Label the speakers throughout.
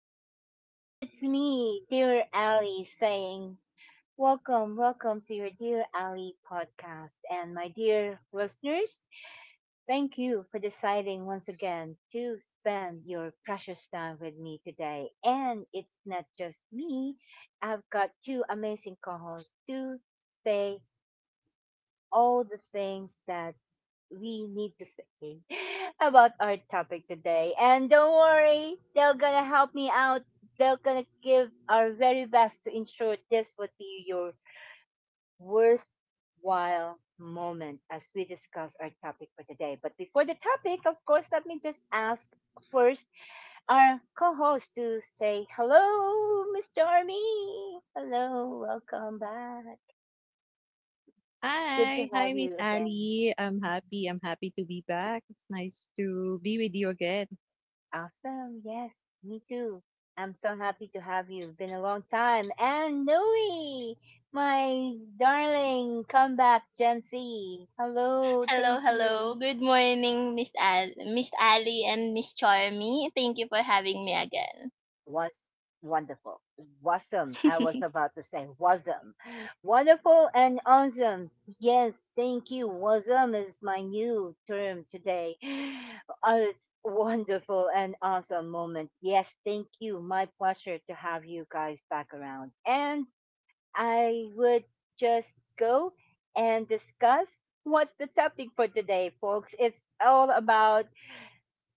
Speaker 1: Yes, it's me, dear Ali, saying welcome to your dear Ali podcast. And my dear listeners, thank you for deciding once again to spend your precious time with me today. And it's not just me. I've got two amazing co-hosts to say all the things that we need to say about our topic today. And don't worry, they're gonna help me out. They're gonna give our very best to ensure this would be your worthwhile moment as we discuss our topic for today. But before the topic, of course, let me just ask first our co-host to say hello, Mr. Army. Hello, welcome back. Good to
Speaker 2: Hi,
Speaker 1: have you
Speaker 2: Miss
Speaker 1: again.
Speaker 2: Ali.
Speaker 1: Mm.
Speaker 2: I'm happy to be back. It's nice to be with you again.
Speaker 1: Awesome. Yes, me too. I'm so happy to have you. Been a long time. And Nui, my darling comeback Gen Z. Hello.
Speaker 3: Hello,
Speaker 1: Thank
Speaker 3: hello.
Speaker 1: you.
Speaker 3: Good morning, Miss Ali and Miss Charmy. Thank you for having me again.
Speaker 1: Was wonderful. Wasum. I was about to say wasum. Wonderful and awesome. Yes, thank you. Wasum is my new term today. It's wonderful and awesome moment. Yes, thank you. My pleasure to have you guys back around. And I would just go and discuss what's the topic for today, folks. It's all about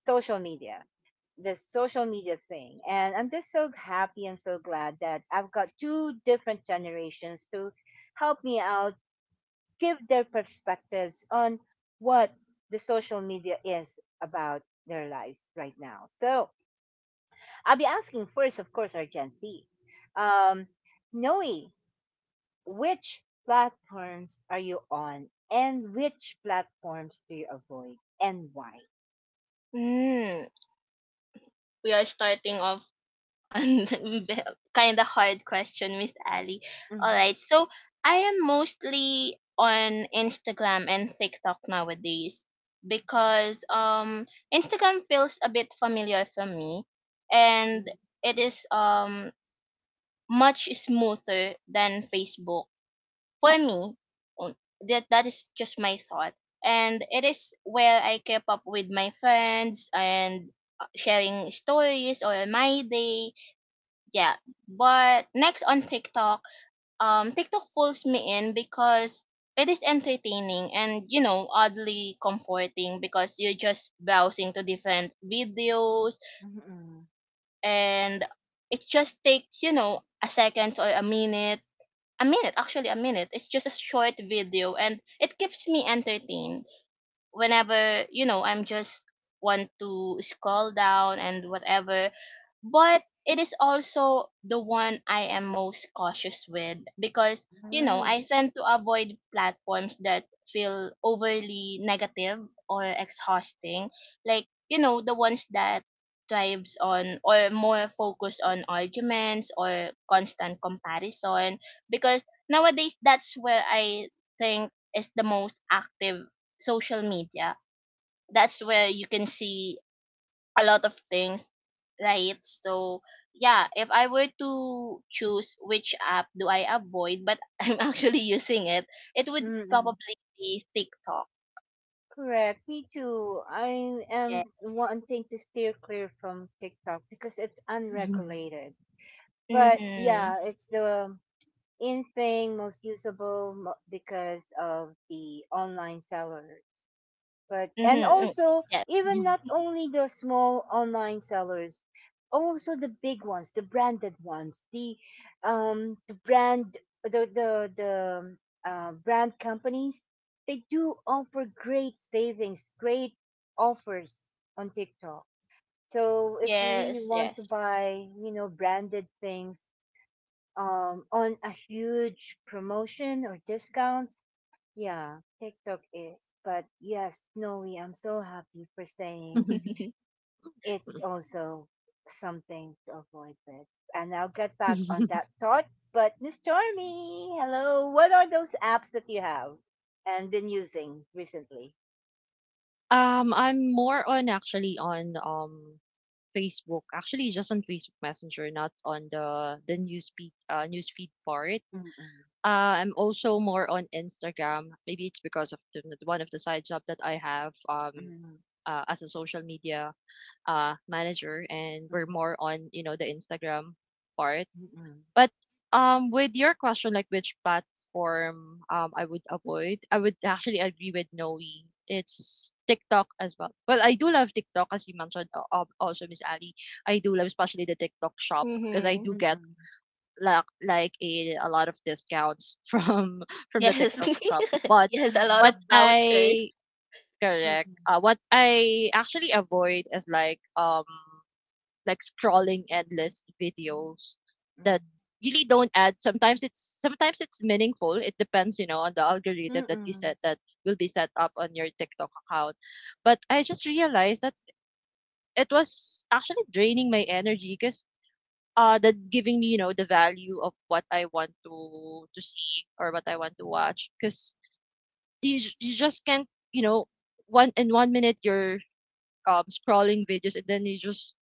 Speaker 1: social media, the social media thing. And I'm just so happy and so glad that I've got two different generations to help me out, give their perspectives on what the social media is about their lives right now. So I'll be asking first, of course, our Gen Z. Um, Noe, which platforms are you on and which platforms do you avoid and why?
Speaker 3: mm, we are starting off on the kind of hard question, Miss Ali. All
Speaker 1: Mm.
Speaker 3: right. So, I am mostly on Instagram and TikTok nowadays because Instagram feels a bit familiar for me, and
Speaker 1: Mm.
Speaker 3: it is much smoother than Facebook for me. Um, that that is just my thought, and it is where I keep up with my friends and sharing stories or my day. Yeah, but next on TikTok, TikTok pulls me in because it is entertaining and oddly comforting because you're just browsing to different videos,
Speaker 1: Mm-mm.
Speaker 3: and it just takes a seconds or a actually a minute. It's just a short video and it keeps me entertained whenever I'm just want to scroll down and whatever. But it is also the one I am most cautious with because
Speaker 1: Ah,
Speaker 3: I tend to avoid platforms that feel overly negative or exhausting, like the ones that thrives on or more focused on arguments or constant comparison, because nowadays that's where I think is the most active social media. That's where you can see a lot of things, right? So, yeah, if I were to choose which app do I avoid, but I'm actually using it, it would
Speaker 1: mm-mm.
Speaker 3: probably be TikTok.
Speaker 1: Correct. Me too. I
Speaker 3: Yeah.
Speaker 1: am wanting to steer clear from TikTok because it's unregulated. But
Speaker 3: Mhm.
Speaker 1: yeah, it's the in thing most usable because of the online seller. But
Speaker 3: Mhm.
Speaker 1: and
Speaker 3: Mm.
Speaker 1: also
Speaker 3: Yes.
Speaker 1: even not only the small online sellers, also the big ones, the branded ones, um the brand the brand companies, they do offer great savings, great offers on TikTok. So if you really
Speaker 3: Yes.
Speaker 1: want to
Speaker 3: Yes.
Speaker 1: buy, you know, branded things, on a huge promotion or discounts. Yeah, TikTok is. But yes, Noe, I'm so happy for saying it's also something to avoid with. And I'll get back on that thought. But Miss Stormy, hello. What are those apps that you have and been using recently?
Speaker 2: I'm more on actually on Facebook. Actually, just on Facebook Messenger, not on the news feed part.
Speaker 1: Mm-mm,
Speaker 2: I'm also more on Instagram. Maybe it's because of one of the side job that I have
Speaker 1: mm-mm,
Speaker 2: as a social media manager, and we're
Speaker 1: mm-mm,
Speaker 2: more on you know the Instagram part. But with your question, like which platform I would avoid, I would actually agree with Noe. It's TikTok as well. Well, I do love TikTok as you mentioned. Also, Miss Ali, I do love especially the TikTok shop because I
Speaker 3: Mm-hmm.
Speaker 2: do
Speaker 1: mm-mm,
Speaker 2: get
Speaker 1: mm-mm,
Speaker 2: a lot of discounts from the
Speaker 3: Yes.
Speaker 2: TikTok shop. But
Speaker 3: Yes, a lot
Speaker 2: what
Speaker 3: of vouchers.
Speaker 2: I
Speaker 1: mm-mm,
Speaker 2: what I actually avoid is like scrolling endless videos that really don't add sometimes it's meaningful. It depends you know on the algorithm that you
Speaker 1: mm-mm,
Speaker 2: set that will be set up on your TikTok account. But I just realized that it was actually draining my energy because that giving me you know the value of what I want to see or what I want to watch. Because you just can't, you know, 1 minute you're scrolling videos, and then you just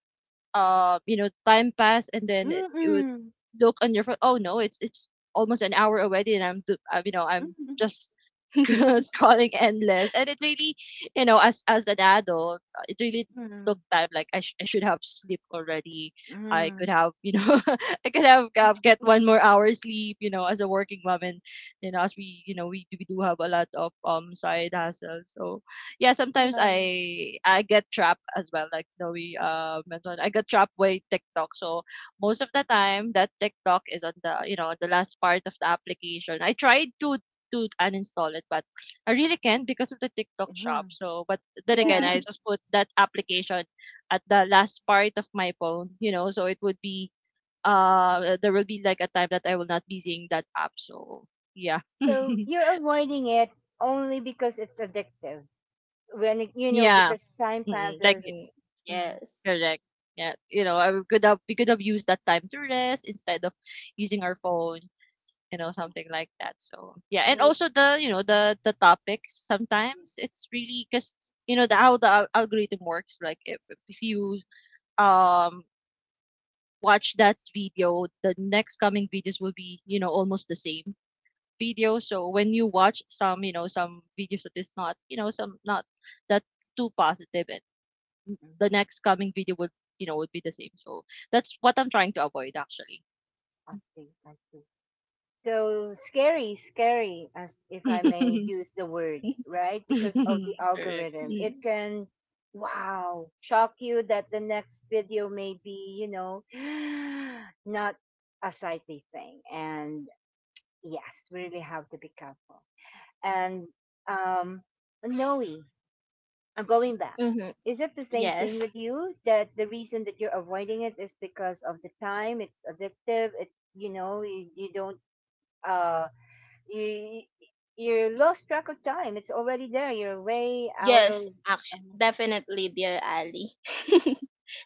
Speaker 2: you know, time pass, and then
Speaker 1: mm-mm,
Speaker 2: you would
Speaker 1: mm-mm,
Speaker 2: look on your phone. Oh no, it's almost an hour already, and I'm, you know, I'm
Speaker 1: mm-mm,
Speaker 2: just sc- scrolling endless. And it really, you know, as an adult, it really took
Speaker 1: mm-mm,
Speaker 2: time. Like I should have sleep already. I could
Speaker 1: mm.
Speaker 2: have, you know, I could have get one more hour sleep. You know, as a working mom, and you know, we do have a lot of side hustles. So yeah, sometimes
Speaker 1: Yeah.
Speaker 2: I get trapped as well, like Zoe mentioned. I get trapped by TikTok. So most of the time, that TikTok is on the you know the last part of the application. I tried to uninstall it, but I really can't because of the TikTok
Speaker 1: Mhm.
Speaker 2: shop. So, but then again,
Speaker 1: Yeah.
Speaker 2: I just put that application at the last part of my phone. You know, so it would be there will be like a time that I will not be seeing that app. So yeah,
Speaker 1: So you're avoiding it only because it's addictive. When it, you know,
Speaker 2: yeah,
Speaker 1: because time
Speaker 2: mm, like
Speaker 1: passes.
Speaker 3: Mm,
Speaker 1: Hmm.
Speaker 3: yes.
Speaker 2: Correct. Yeah, you know, I we could have used that time to rest instead of using our phone, you know,
Speaker 1: Yeah.
Speaker 2: something like that. So yeah, and
Speaker 1: So
Speaker 2: also the you know the topics sometimes it's really because you know the how the algorithm works. Like if you um watch that video, the next coming videos will be you know almost the same video. So when you watch some you know some videos that is not you know some not that too positive,
Speaker 1: mhm.
Speaker 2: the next coming video would you know would be the same. So that's what I'm trying to avoid actually.
Speaker 1: I see. I see. So scary, scary, as if I may use the word, right? Because of the
Speaker 2: Correct.
Speaker 1: algorithm, it
Speaker 3: Mm,
Speaker 1: can, wow, shock you that the next video may be, you know, not a sightly thing. And yes, we really have to be careful. And um, Noe, I'm going back.
Speaker 3: mhm.
Speaker 1: Is it the same thing
Speaker 3: Yes.
Speaker 1: with you that the reason that you're avoiding it is because of the time? It's addictive. It you know you don't uh you you lost track of time. It's already there. You're way out of
Speaker 3: Yes, actually,
Speaker 1: um,
Speaker 3: definitely, dear Ali.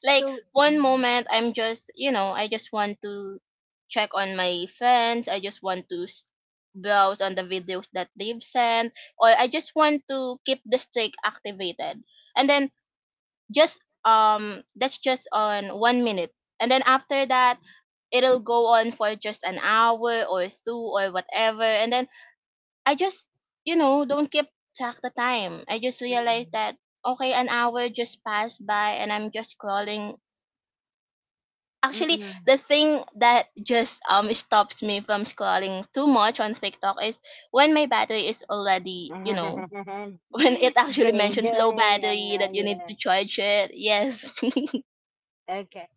Speaker 3: Like
Speaker 1: so.
Speaker 3: one
Speaker 1: Mm,
Speaker 3: moment, I just want to check on my friends. I just want to browse on the videos that they've sent, or I just want to keep the streak activated. And then just that's just on 1 minute, and then after that it'll go on for just an hour or two or whatever. And then I just don't keep track the time. I just realized that okay, an hour just passed by and I'm just scrolling. Actually,
Speaker 1: mm,
Speaker 3: the thing that just stops me from scrolling too much on TikTok is when my battery is already
Speaker 1: mm, mm.
Speaker 3: when it actually
Speaker 1: Drained.
Speaker 3: mentions low
Speaker 1: Yeah,
Speaker 3: battery that you need
Speaker 1: yeah.
Speaker 3: to charge it. Yes.
Speaker 1: Okay.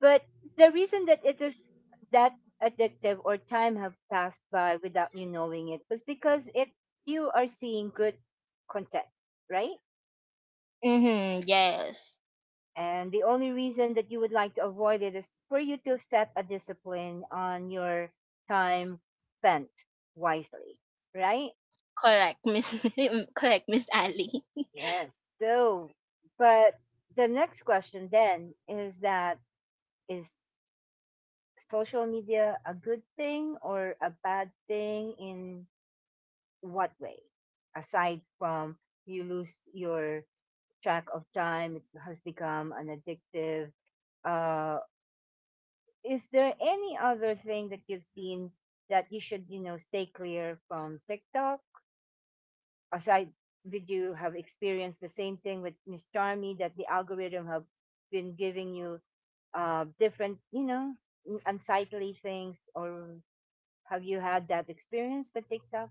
Speaker 1: But the reason that it is that addictive or time have passed by without you knowing it was because it you are seeing good content, right?
Speaker 3: Mhm, yes.
Speaker 1: And the only reason that you would like to avoid it is for you to set a discipline on your time spent wisely, right?
Speaker 3: Correct, Miss correct, Miss Ali.
Speaker 1: Yes. So, but the next question then is that is social media a good thing or a bad thing in what way? Aside from you lose your track of time, it has become an addictive. Uh, is there any other thing that you've seen that you should, you know, stay clear from TikTok? Aside, did you have experienced the same thing with Miss Charmy that the algorithm have been giving you different, you know, unsightly things, or have you had that experience with TikTok?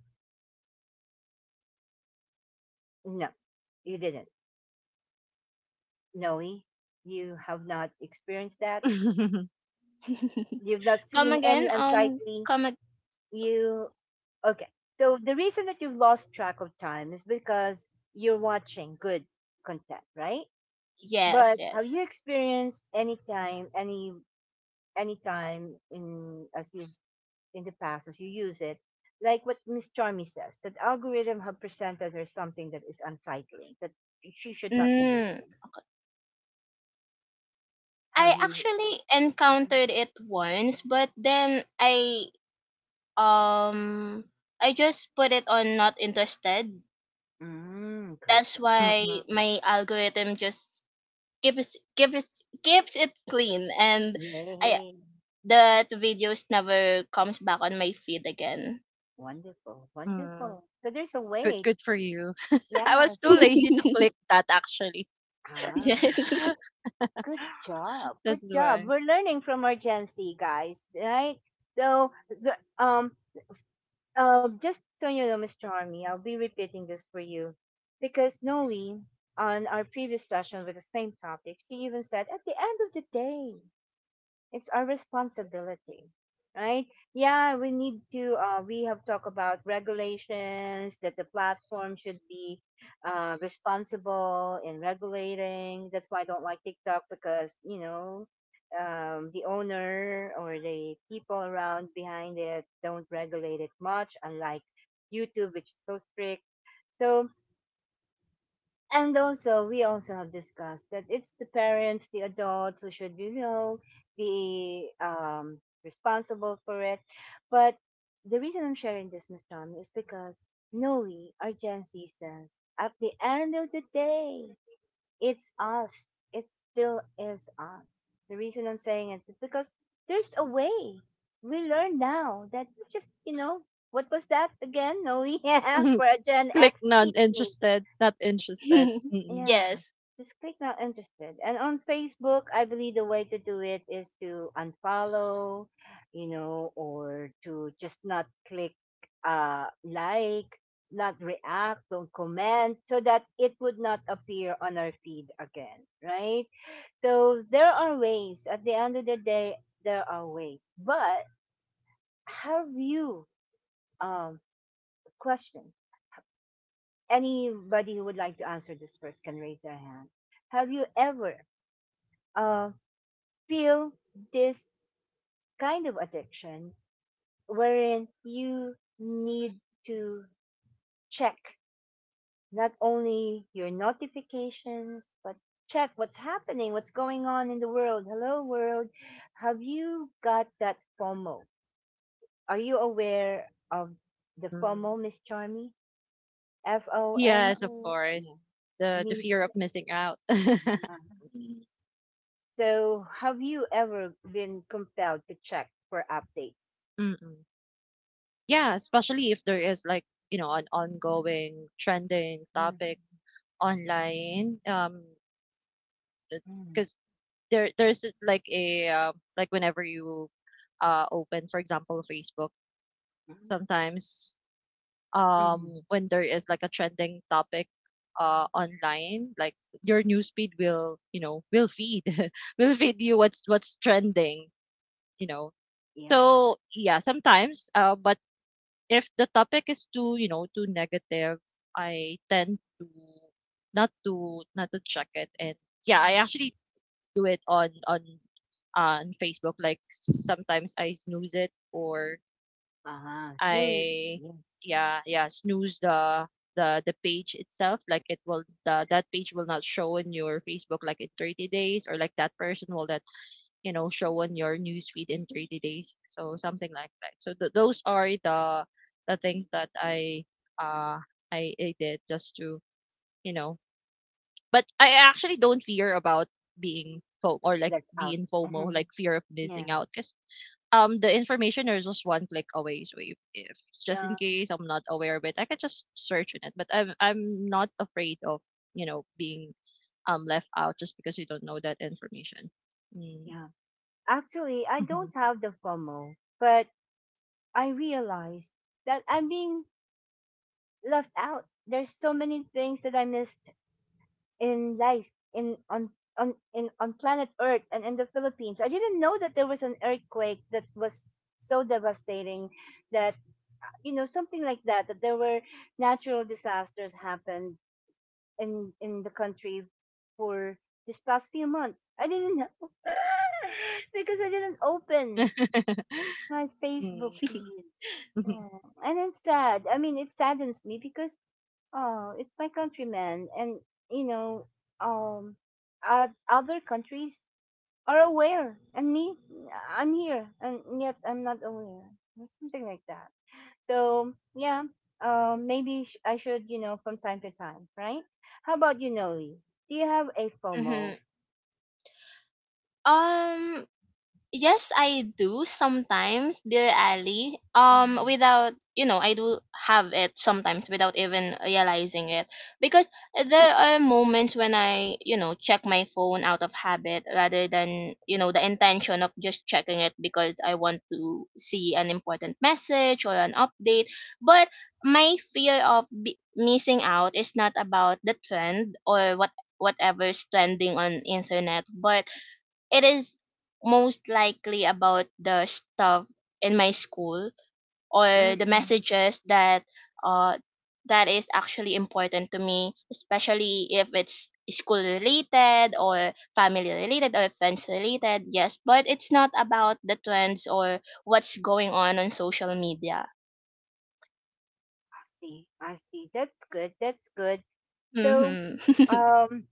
Speaker 1: No, you didn't. Noe, you have not experienced that. You've not
Speaker 3: Come
Speaker 1: seen any
Speaker 3: again?
Speaker 1: unsightly. You okay? So the reason that you've lost track of time is because you're watching good content, right?
Speaker 3: Yes,
Speaker 1: But have
Speaker 3: yes.
Speaker 1: you experienced any time, any time in as you in the past as you use it, like what Miss Charmy says, that algorithm have presented her something that is unsightly, that she should not be
Speaker 3: Mm.
Speaker 1: watching.
Speaker 3: Okay.
Speaker 1: Have
Speaker 3: I
Speaker 1: you?
Speaker 3: actually encountered it once, but then um I just put it on not interested.
Speaker 1: Mm-hmm. Mm, good
Speaker 3: That's
Speaker 1: job.
Speaker 3: why
Speaker 2: Mm-mm.
Speaker 3: my algorithm just keeps keeps keeps it clean, and I
Speaker 1: Yay!
Speaker 3: that videos never comes back on my feed again.
Speaker 1: Wonderful,
Speaker 2: Mm.
Speaker 1: wonderful. So there's a
Speaker 2: Good,
Speaker 1: way.
Speaker 2: good for you. I
Speaker 1: Yeah,
Speaker 2: was too
Speaker 1: so there's
Speaker 2: lazy to click that actually.
Speaker 1: ah,
Speaker 3: Yes.
Speaker 1: good job.
Speaker 2: That's
Speaker 1: Good job.
Speaker 2: why.
Speaker 1: We're learning from our Gen Z guys, right? So just so you know, Miss Charmy, I'll be repeating this for you. Because Noe, on our previous session with the same topic, she even said, at the end of the day, it's our responsibility, right? Yeah, we need to we have talked about regulations that the platform should be responsible in regulating. That's why I don't like TikTok because you know the owner or the people around behind it don't regulate it much, unlike YouTube, which is so strict. So and also we also have discussed that it's the parents, the adults, who should you know be responsible for it. But the reason I'm sharing this, Miss Tom, is because no, we are Gen Zers, at the end of the day it's us, it still is us. The reason I'm saying it is because there's a way we learn now that you just you know what was that again, no? Yeah, for a Gen
Speaker 2: Click
Speaker 1: X,
Speaker 2: not
Speaker 1: teach me.
Speaker 2: interested, not interested. Mm-mm.
Speaker 1: Yeah,
Speaker 3: Yes.
Speaker 1: just click not interested. And on Facebook, I believe the way to do it is to unfollow, you know, or to just not click like, not react, don't comment so that it would not appear on our feed again, right? So there are ways. At the end of the day, there are ways. But have you um question? Anybody who would like to answer this first can raise their hand. Have you ever um feel this kind of addiction wherein you need to check not only your notifications but check what's happening, what's going on in the world, hello world? Have you got that FOMO? Are you aware of the
Speaker 2: Mm.
Speaker 1: FOMO, Miss Charmy? F O M
Speaker 2: Yes, of
Speaker 1: O?
Speaker 2: course.
Speaker 1: Yeah,
Speaker 2: The
Speaker 1: mean
Speaker 2: fear of missing out.
Speaker 1: yeah.
Speaker 2: Mm-mm.
Speaker 1: So have you ever been compelled to check for updates?
Speaker 2: Yeah, especially if there is like, you know, an ongoing trending topic
Speaker 1: Mhm,
Speaker 2: online.
Speaker 1: mhm,
Speaker 2: Because there's like a like whenever you open for example Facebook,
Speaker 1: mhm,
Speaker 2: sometimes
Speaker 1: mhm.
Speaker 2: when there is like a trending topic online, like your news feed will you know will feed will feed you what's trending, you know.
Speaker 1: Yeah.
Speaker 2: So yeah, sometimes but if the topic is too you know too negative, I tend to not to check it. And yeah, I actually do it on on Facebook. Like sometimes I snooze it, or
Speaker 1: Uh-huh. Zeus.
Speaker 2: I
Speaker 1: Yes.
Speaker 2: yeah, snooze the page itself. Like it will the, that page will not show in your Facebook like in 30 days, or like that person will that you know show on your news feed in 30 days. So something like that. So those are the things that uh I did just to you know. But I actually don't fear about being FO or like
Speaker 1: That's out.
Speaker 2: being FOMO, like fear of
Speaker 1: Yeah.
Speaker 2: missing out, because the information is just one click away. So if just in
Speaker 1: Yeah.
Speaker 2: case I'm not aware of it, I can just search on it. But I'm not afraid of you know being left out just because you don't know that information. Mm.
Speaker 1: Yeah. Actually, I
Speaker 2: Mhm.
Speaker 1: don't have the FOMO, but I realized that I'm being left out. There's so many things that I missed in life in on in on planet Earth and in the Philippines. I didn't know that there was an earthquake that was so devastating that you know something like that, that there were natural disasters happened in the country for this past few months. I didn't know because I didn't open my Facebook
Speaker 2: Mm.
Speaker 1: feed.
Speaker 2: Mhm.
Speaker 1: Mm. And it's sad. I mean, it saddens me because oh, it's my countrymen, and you know, um, other countries are aware, and me, I'm here, and yet I'm not aware, or something like that. So yeah, maybe I should, you know, from time to time, right? How about you, Noli? Do you have a FOMO?
Speaker 3: Mm-hmm. Um, Yes, I do sometimes, dear Ali.
Speaker 1: Mm-hmm.
Speaker 3: Without I do have it sometimes without even realizing it, because there are moments when I check my phone out of habit rather than the intention of just checking it because I want to see an important message or an update. But my fear of missing out is not about the trend or whatever's trending on internet, but it is most likely about the stuff in my school or the
Speaker 1: Mm-hmm.
Speaker 3: messages uh that is actually important to me, especially if it's school related or family related or friends related. Yes, but it's not about the trends or what's going on social media.
Speaker 1: I see. I see. That's good. That's good. So,
Speaker 3: Mhm.
Speaker 1: um,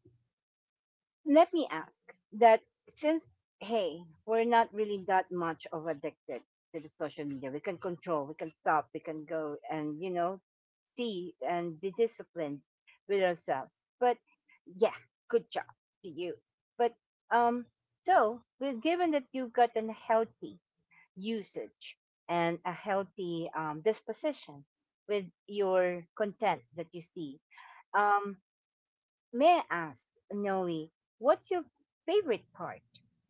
Speaker 1: let me ask that since hey, we're not really that much of addicted to the social media. We can control. We can stop. We can go and you know see and be disciplined with ourselves. But yeah, good job to you. But um, so well, given that you've got a healthy usage and a healthy disposition with your content that you see, um, may I ask, Noe, what's your favorite part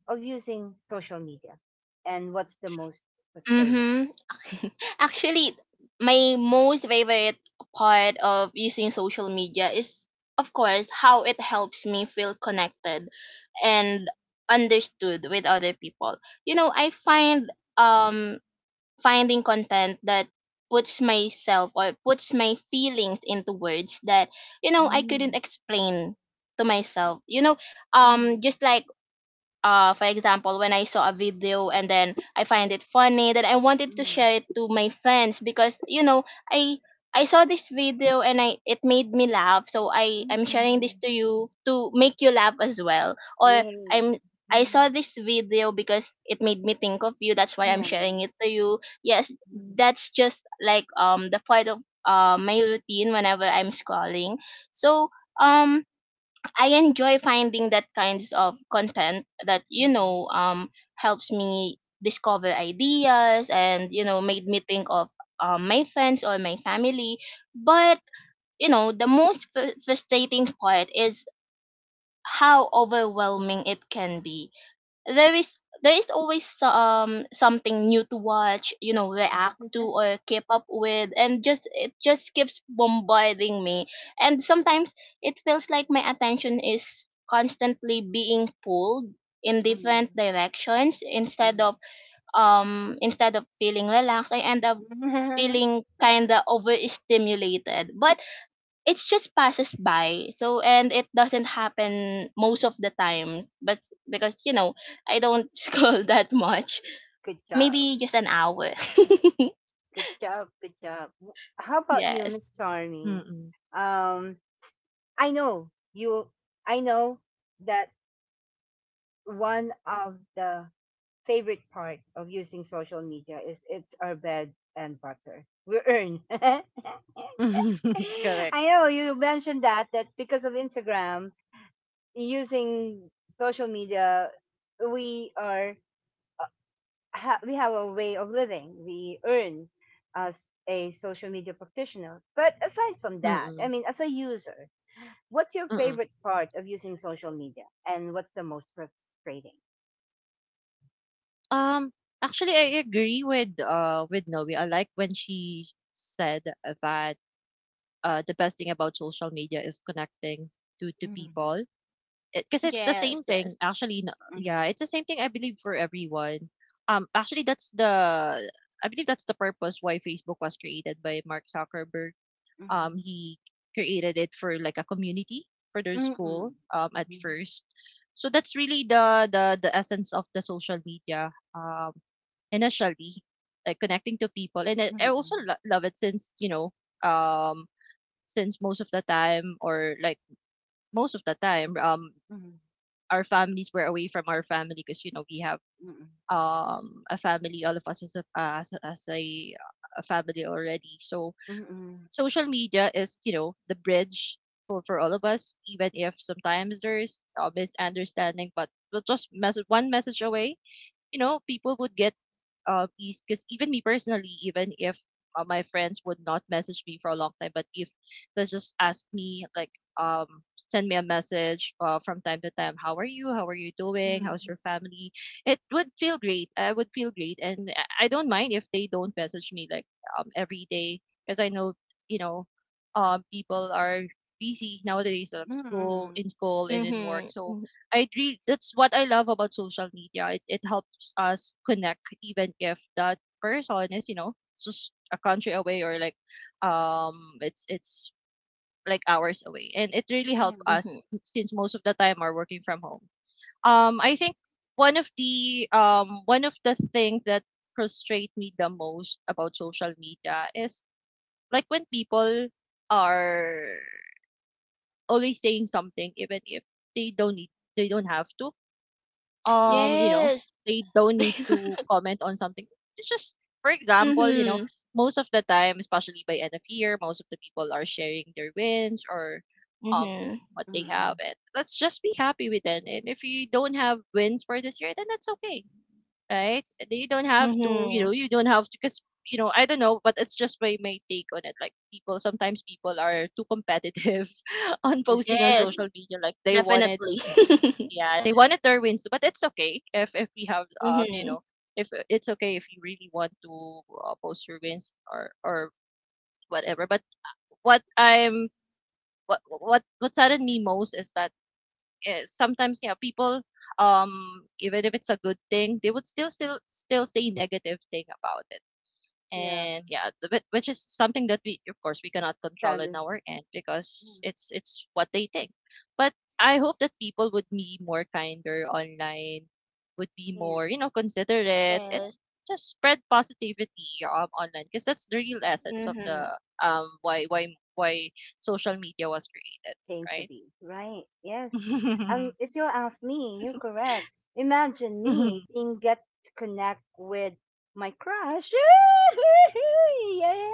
Speaker 1: of using social media, and what's the most frustrating?
Speaker 3: Mm-hmm. Actually, my most favorite part of using social media is, of course, how it helps me feel connected and understood with other people. You know, I find um finding content that puts myself or puts my feelings into words that I couldn't
Speaker 1: Mm,
Speaker 3: explain to myself. You know,
Speaker 1: mm, mm,
Speaker 3: just like for example, when I saw a video and then I find it funny, then I wanted to
Speaker 1: mm,
Speaker 3: share it to my friends because i I saw this video and I it made me laugh, so i
Speaker 1: mm,
Speaker 3: i'm sharing this
Speaker 1: mm,
Speaker 3: to you to make you laugh as well. Or i'm
Speaker 1: Yay!
Speaker 3: I
Speaker 1: Mm.
Speaker 3: saw this video because it made me think of you, that's why I'm
Speaker 1: Nice.
Speaker 3: sharing it to you. Yes,
Speaker 1: Mm,
Speaker 3: that's just like the part of my routine whenever I'm scrolling. So um I enjoy finding that kinds of content that
Speaker 1: mm, mm.
Speaker 3: helps me discover ideas and made me think of my friends or my family. But the most frustrating part is how overwhelming it can be. There is there is always something new to watch, react to or keep up with, and just it just keeps bombarding me. And sometimes it feels like my attention is constantly being pulled in different
Speaker 1: Mm,
Speaker 3: directions instead
Speaker 1: mm.
Speaker 3: of um instead of feeling relaxed. I end up feeling kind of overstimulated, but it just passes by, so, and it doesn't happen most of the times. But because I don't scroll that much,
Speaker 1: Good job.
Speaker 3: maybe just an hour.
Speaker 1: Good job. Good job. W- How about you,
Speaker 3: Yes.
Speaker 1: Miss Charmy?
Speaker 2: Mm-mm.
Speaker 1: Um, I know you I know that one of the favorite part of using social media is it's our bed and butter. We earn.
Speaker 2: Correct.
Speaker 1: I know you mentioned that that because of Instagram using social media, we are we have a way of living. We earn as a social media practitioner. But aside from that, I
Speaker 2: Mm-mm.
Speaker 1: mean, as a user, what's your
Speaker 2: Mm-mm.
Speaker 1: favorite part of using social media, and what's the most frustrating?
Speaker 2: Um, actually, I agree with Noe. I like when she said that the best thing about social media is connecting to
Speaker 1: Mhm,
Speaker 2: people. Because it's the
Speaker 3: Yes.
Speaker 2: same
Speaker 3: Yes.
Speaker 2: thing, actually. Yeah,
Speaker 1: mhm,
Speaker 2: it's the same thing. I believe for everyone. Actually, that's the I believe that's the purpose why Facebook was created by Mark Zuckerberg.
Speaker 1: mhm,
Speaker 2: He created it for like a community for their school
Speaker 1: mhm,
Speaker 2: at
Speaker 1: mhm,
Speaker 2: first. So that's really the essence of the social media initially, like connecting to people. And
Speaker 1: mhm,
Speaker 2: I also
Speaker 1: mhm,
Speaker 2: love it since you know um, since most of the time
Speaker 1: mhm,
Speaker 2: our families were away from our family because you know we have
Speaker 1: Mm,
Speaker 2: a family, all of us as a family already. So
Speaker 1: mm, mm,
Speaker 2: social media is, you know, the bridge for all of us. Even if sometimes there's a misunderstanding, but we'll just message one message away, you know, people would get is because even me personally, even if my friends would not message me for a long time, but if they just ask me like send me a message from time to time, how are you? How are you doing? How's your family? It would feel great. I would feel great, and I don't mind if they don't message me like every day, because I know you know people are busy nowadays like
Speaker 1: mm,
Speaker 2: school and in work.
Speaker 3: Mm-hmm,
Speaker 2: So
Speaker 3: mm-hmm.
Speaker 2: I agree. That's what I love about social media. It helps us connect, even if that person is, you know, just a country away or like, it's like hours away, and it really helped
Speaker 1: mm,
Speaker 2: us
Speaker 3: Mm-hmm.
Speaker 2: since most of the time are working from home. I think one of the things that frustrate me the most about social media is like when people are always saying something, even if they don't need, they don't have to, you know,
Speaker 3: Yes.
Speaker 2: they don't need to comment on something. It's just, for example, you know,
Speaker 3: Mm-hmm,
Speaker 2: most of the time, especially by end of year, most of the people are sharing their wins or um
Speaker 3: mm-hmm,
Speaker 2: what they
Speaker 1: mm,
Speaker 2: have. And let's just be happy with it. And if you don't have wins for this year, then that's okay, right? You don't have to, you
Speaker 3: mm-hmm.
Speaker 2: know, you don't have to, because you know, I don't know, but it's just my take on it. Like people, sometimes people are too competitive on
Speaker 1: mm.
Speaker 2: posting on
Speaker 3: Yes,
Speaker 2: social media. Like they wanted
Speaker 3: definitely.
Speaker 2: yeah, they wanted their wins, but it's okay if we have you
Speaker 3: Mm-hmm.
Speaker 2: know if it's okay if you really want to post your wins or whatever. But what I'm what saddened me most is that sometimes yeah people even if it's a good thing, they would still say negative thing about it.
Speaker 1: Yeah,
Speaker 2: And yeah, but which is something that we, of course, we cannot control
Speaker 1: that
Speaker 2: in
Speaker 1: is.
Speaker 2: our end, because it's what they think. But I hope that people would be more kinder online, would be
Speaker 1: Yeah.
Speaker 2: more you know considerate and
Speaker 3: Yes.
Speaker 2: just spread positivity online, because that's the real essence of the
Speaker 3: Mm-hmm.
Speaker 2: um why why why social media was created,
Speaker 1: Came to
Speaker 2: right?
Speaker 1: be. Right. Yes. And if you ask me, you're correct. Imagine me being get to connect with my crush. Yeah.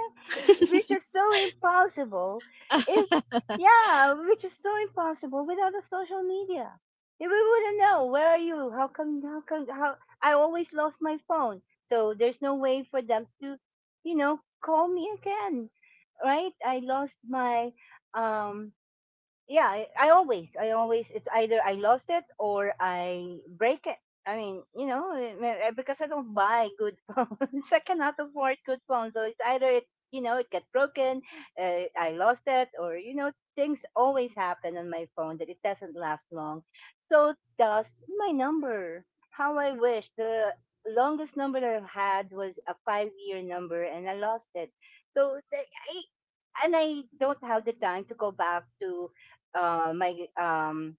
Speaker 1: Which is so impossible if yeah, which is so impossible without the social media. We wouldn't know where are you? How come how come how I always lost my phone. So there's no way for them to, you know, call me again. Right? I lost my um yeah, I always it's either I lost it or I break it. I mean, because I don't buy good phones, I cannot afford good phones, so it's either it you know it got broken, I lost it, or things always happen on my phone that it doesn't last long. So does my number. How I wish. The longest number that I've had was a 5-year number and I lost it. so the- I, and I don't have the time to go back to my um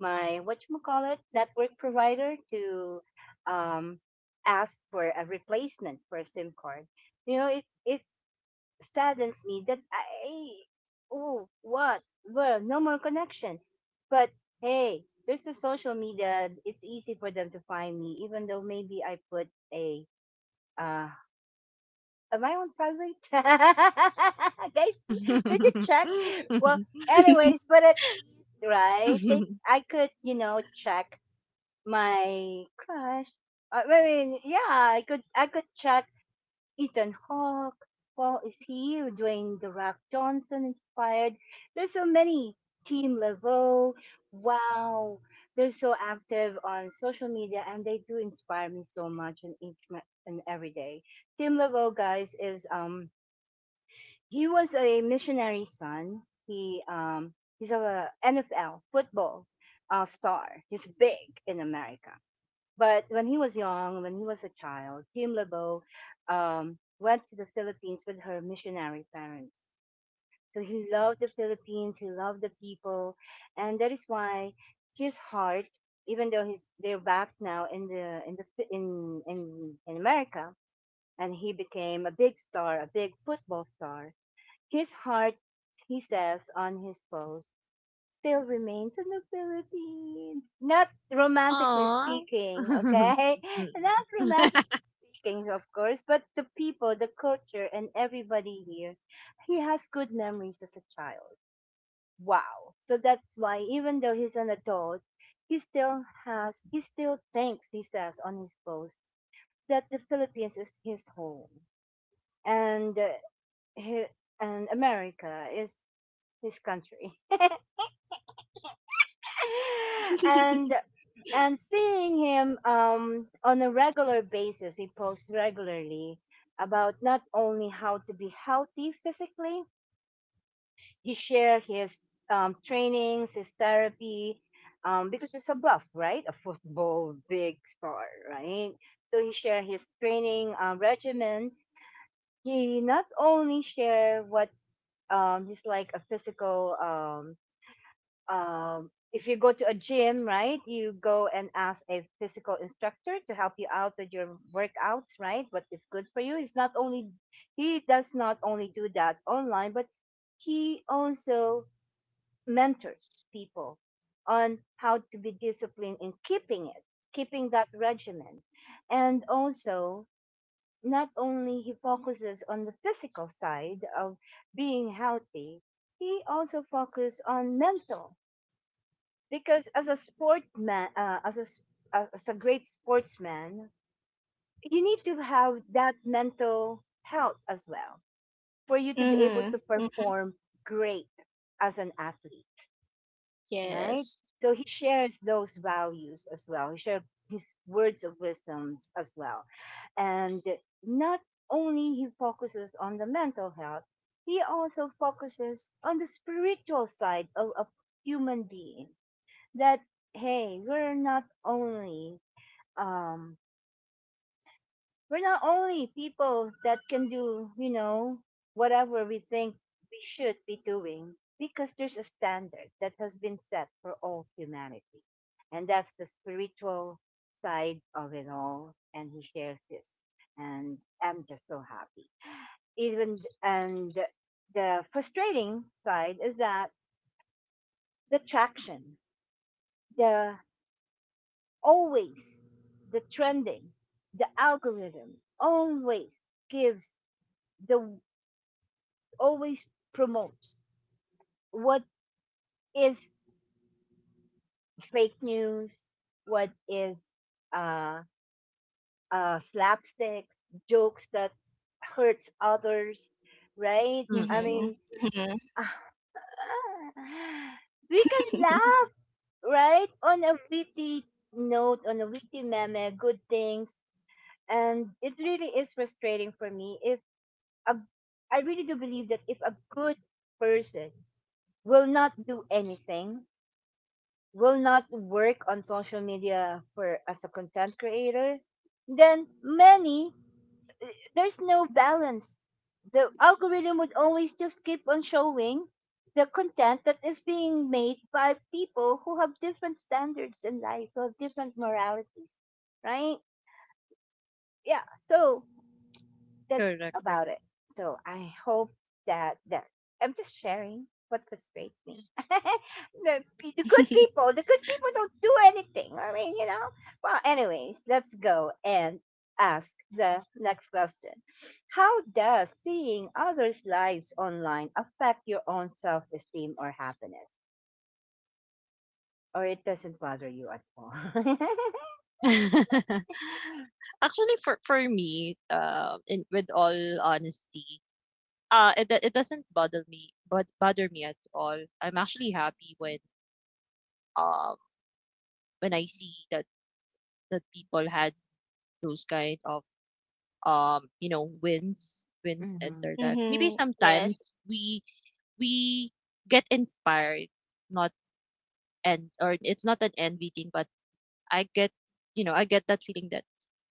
Speaker 1: my what you call it network provider to um ask for a replacement for a SIM card. It's saddens me that I, oh, what, well, no more connection, but hey. There's the social media. It's easy for them to find me, even though maybe I put a uh, am I on private? Guys, did you check? Well, anyways, but at least, right? I could, check my crush. I mean, yeah, I could check Ethan Hawke. Well, is he Dwayne the Rock Johnson inspired? There's so many. Team Levo, wow, they're so active on social media and they do inspire me so much and each and every day. Team Levo guys is he was a missionary son. He's a NFL football star. He's big in America. But when he was young, when he was a child, Kim LeBeau went to the Philippines with her missionary parents. So he loved the Philippines. He loved the people, and that is why his heart, even though he's they're back now in the in the in America, and he became a big star, a big football star, his heart, he says on his post, still remains in the Philippines. Not romantically
Speaker 2: Aww.
Speaker 1: speaking, okay?
Speaker 2: Mm-mm.
Speaker 1: Not romantically speaking, of course, but the people, the culture, and everybody here, he has good memories as a child. Wow. So that's why, even though he's an adult, he still has, he still thinks, he says on his post, that the Philippines is his home. And, uh, he, and America is his country. and and seeing him on a regular basis, he posts regularly about not only how to be healthy physically. He share his trainings, his therapy, because it's a buff, right? A football big star, right? So he share his training regimen. He not only share what he's like a physical if you go to a gym, right, you go and ask a physical instructor to help you out with your workouts, right? What is good for you? He does not only do that online, but he also mentors people on how to be disciplined in keeping that regimen. And also, not only he focuses on the physical side of being healthy, he also focuses on mental because as a sportman, as a great sportsman, you need to have that mental health as well for you to be able
Speaker 3: Mm-hmm,
Speaker 1: to
Speaker 3: hmm.
Speaker 1: perform great as an athlete, right?
Speaker 3: Yes.
Speaker 1: So he shares those values as well. He shares his words of wisdoms as well, and not only he focuses on the mental health, he also focuses on the spiritual side of a human being, that hey, um we're not only people that can do whatever we think we should be doing because there's a standard that has been set for all humanity. And that's the spiritual side of it all, and he shares this, and I'm just so happy. Even and the frustrating side is that the traction, the, always the trending, the algorithm always gives, the, always promotes what is fake news, what is uh, slapsticks, jokes that hurts others, right? I
Speaker 3: Mhm.
Speaker 1: mean,
Speaker 3: Mhm.
Speaker 1: we can laugh, right, on a witty note, on a witty meme, good things, and it really is frustrating for me if a, I really do believe that if a good person will not do anything, will not work on social media for as a content creator, then many there's no balance. The algorithm would always just keep on showing the content that is being made by people who have different standards in life, who have different moralities, right? Yeah. So that's
Speaker 2: Correct,
Speaker 1: about
Speaker 2: correct.
Speaker 1: it. So I hope that I'm just sharing what frustrates me. The good people, don't do anything. I mean, you know. Well, anyways, let's go and ask the next question. How does seeing others' lives online affect your own self-esteem or happiness? Or it doesn't bother you at all.
Speaker 2: Actually, for me, in with all honesty, it doesn't bother me, but bother me at all. I'm actually happy um when I see that people had those kind of you know wins in
Speaker 1: Mm-hmm.
Speaker 2: their life. Maybe
Speaker 3: Mhm. Yes.
Speaker 2: sometimes we we get inspired, not, and or it's not an envy thing, but I get, I get that feeling that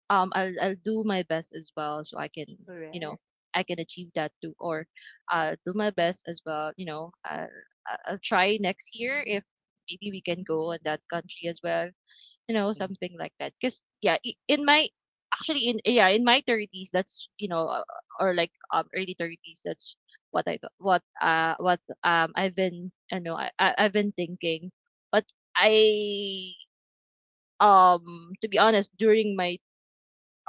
Speaker 2: I'll do my best as well, so I can, you know
Speaker 1: Correct.
Speaker 2: I can achieve that too, or I'll do my best as well. I'll try next year if maybe we can go in that country as well,
Speaker 1: Yes.
Speaker 2: something like that. Because yeah, I- in my actually in yeah in my 30s, that's, you know, or like early 30s, that's what I thought, what I've been, I've been thinking. But I to be honest, during my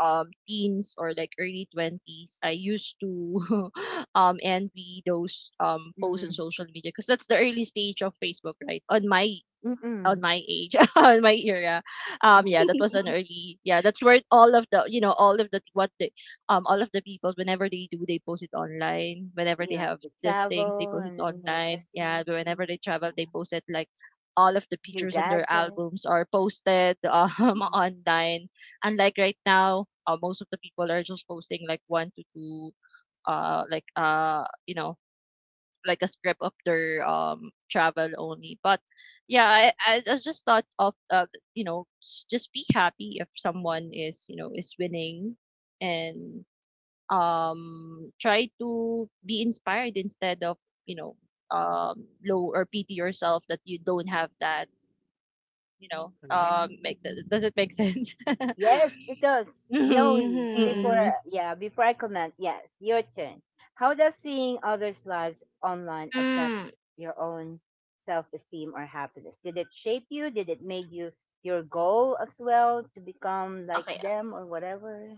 Speaker 2: teens, or like early 20s, I used to envy those posts on
Speaker 1: Mm-hmm.
Speaker 2: social media, because that's the early stage of Facebook, right? On my
Speaker 1: Mm-mm.
Speaker 2: age, on my era.
Speaker 1: Mm.
Speaker 2: Yeah, that was an early, yeah, that's where all of the, all of the people, whenever they do, they post it online. Whenever they
Speaker 1: Yeah,
Speaker 2: have
Speaker 1: the
Speaker 2: these things, they
Speaker 1: travel
Speaker 2: post it
Speaker 1: and, yeah,
Speaker 2: online. Yeah, whenever
Speaker 1: destinations,
Speaker 2: they travel,
Speaker 1: yeah.
Speaker 2: they post it like all of the
Speaker 1: New
Speaker 2: pictures, and their
Speaker 1: gadget.
Speaker 2: albums are posted
Speaker 1: Mm,
Speaker 2: online. Unlike right now, most of the people are just posting like one to two, uh like uh you know like a script of their travel only. But yeah, I just thought of, you know, just be happy if someone is, you know, is winning, and try to be inspired, instead of, you know low or pity yourself that you don't have that.
Speaker 1: correct.
Speaker 2: Make does it make sense?
Speaker 1: Yes, it does. Noe,
Speaker 2: Mm-hmm.
Speaker 1: before
Speaker 3: Mhm.
Speaker 2: Mm-mm.
Speaker 1: yeah, before I comment, yes, your turn. How does seeing others' lives online affect
Speaker 3: Mm,
Speaker 1: your own self-esteem or happiness? Did it shape you? Did it make you your goal as well to become like
Speaker 3: okay.
Speaker 1: them or whatever?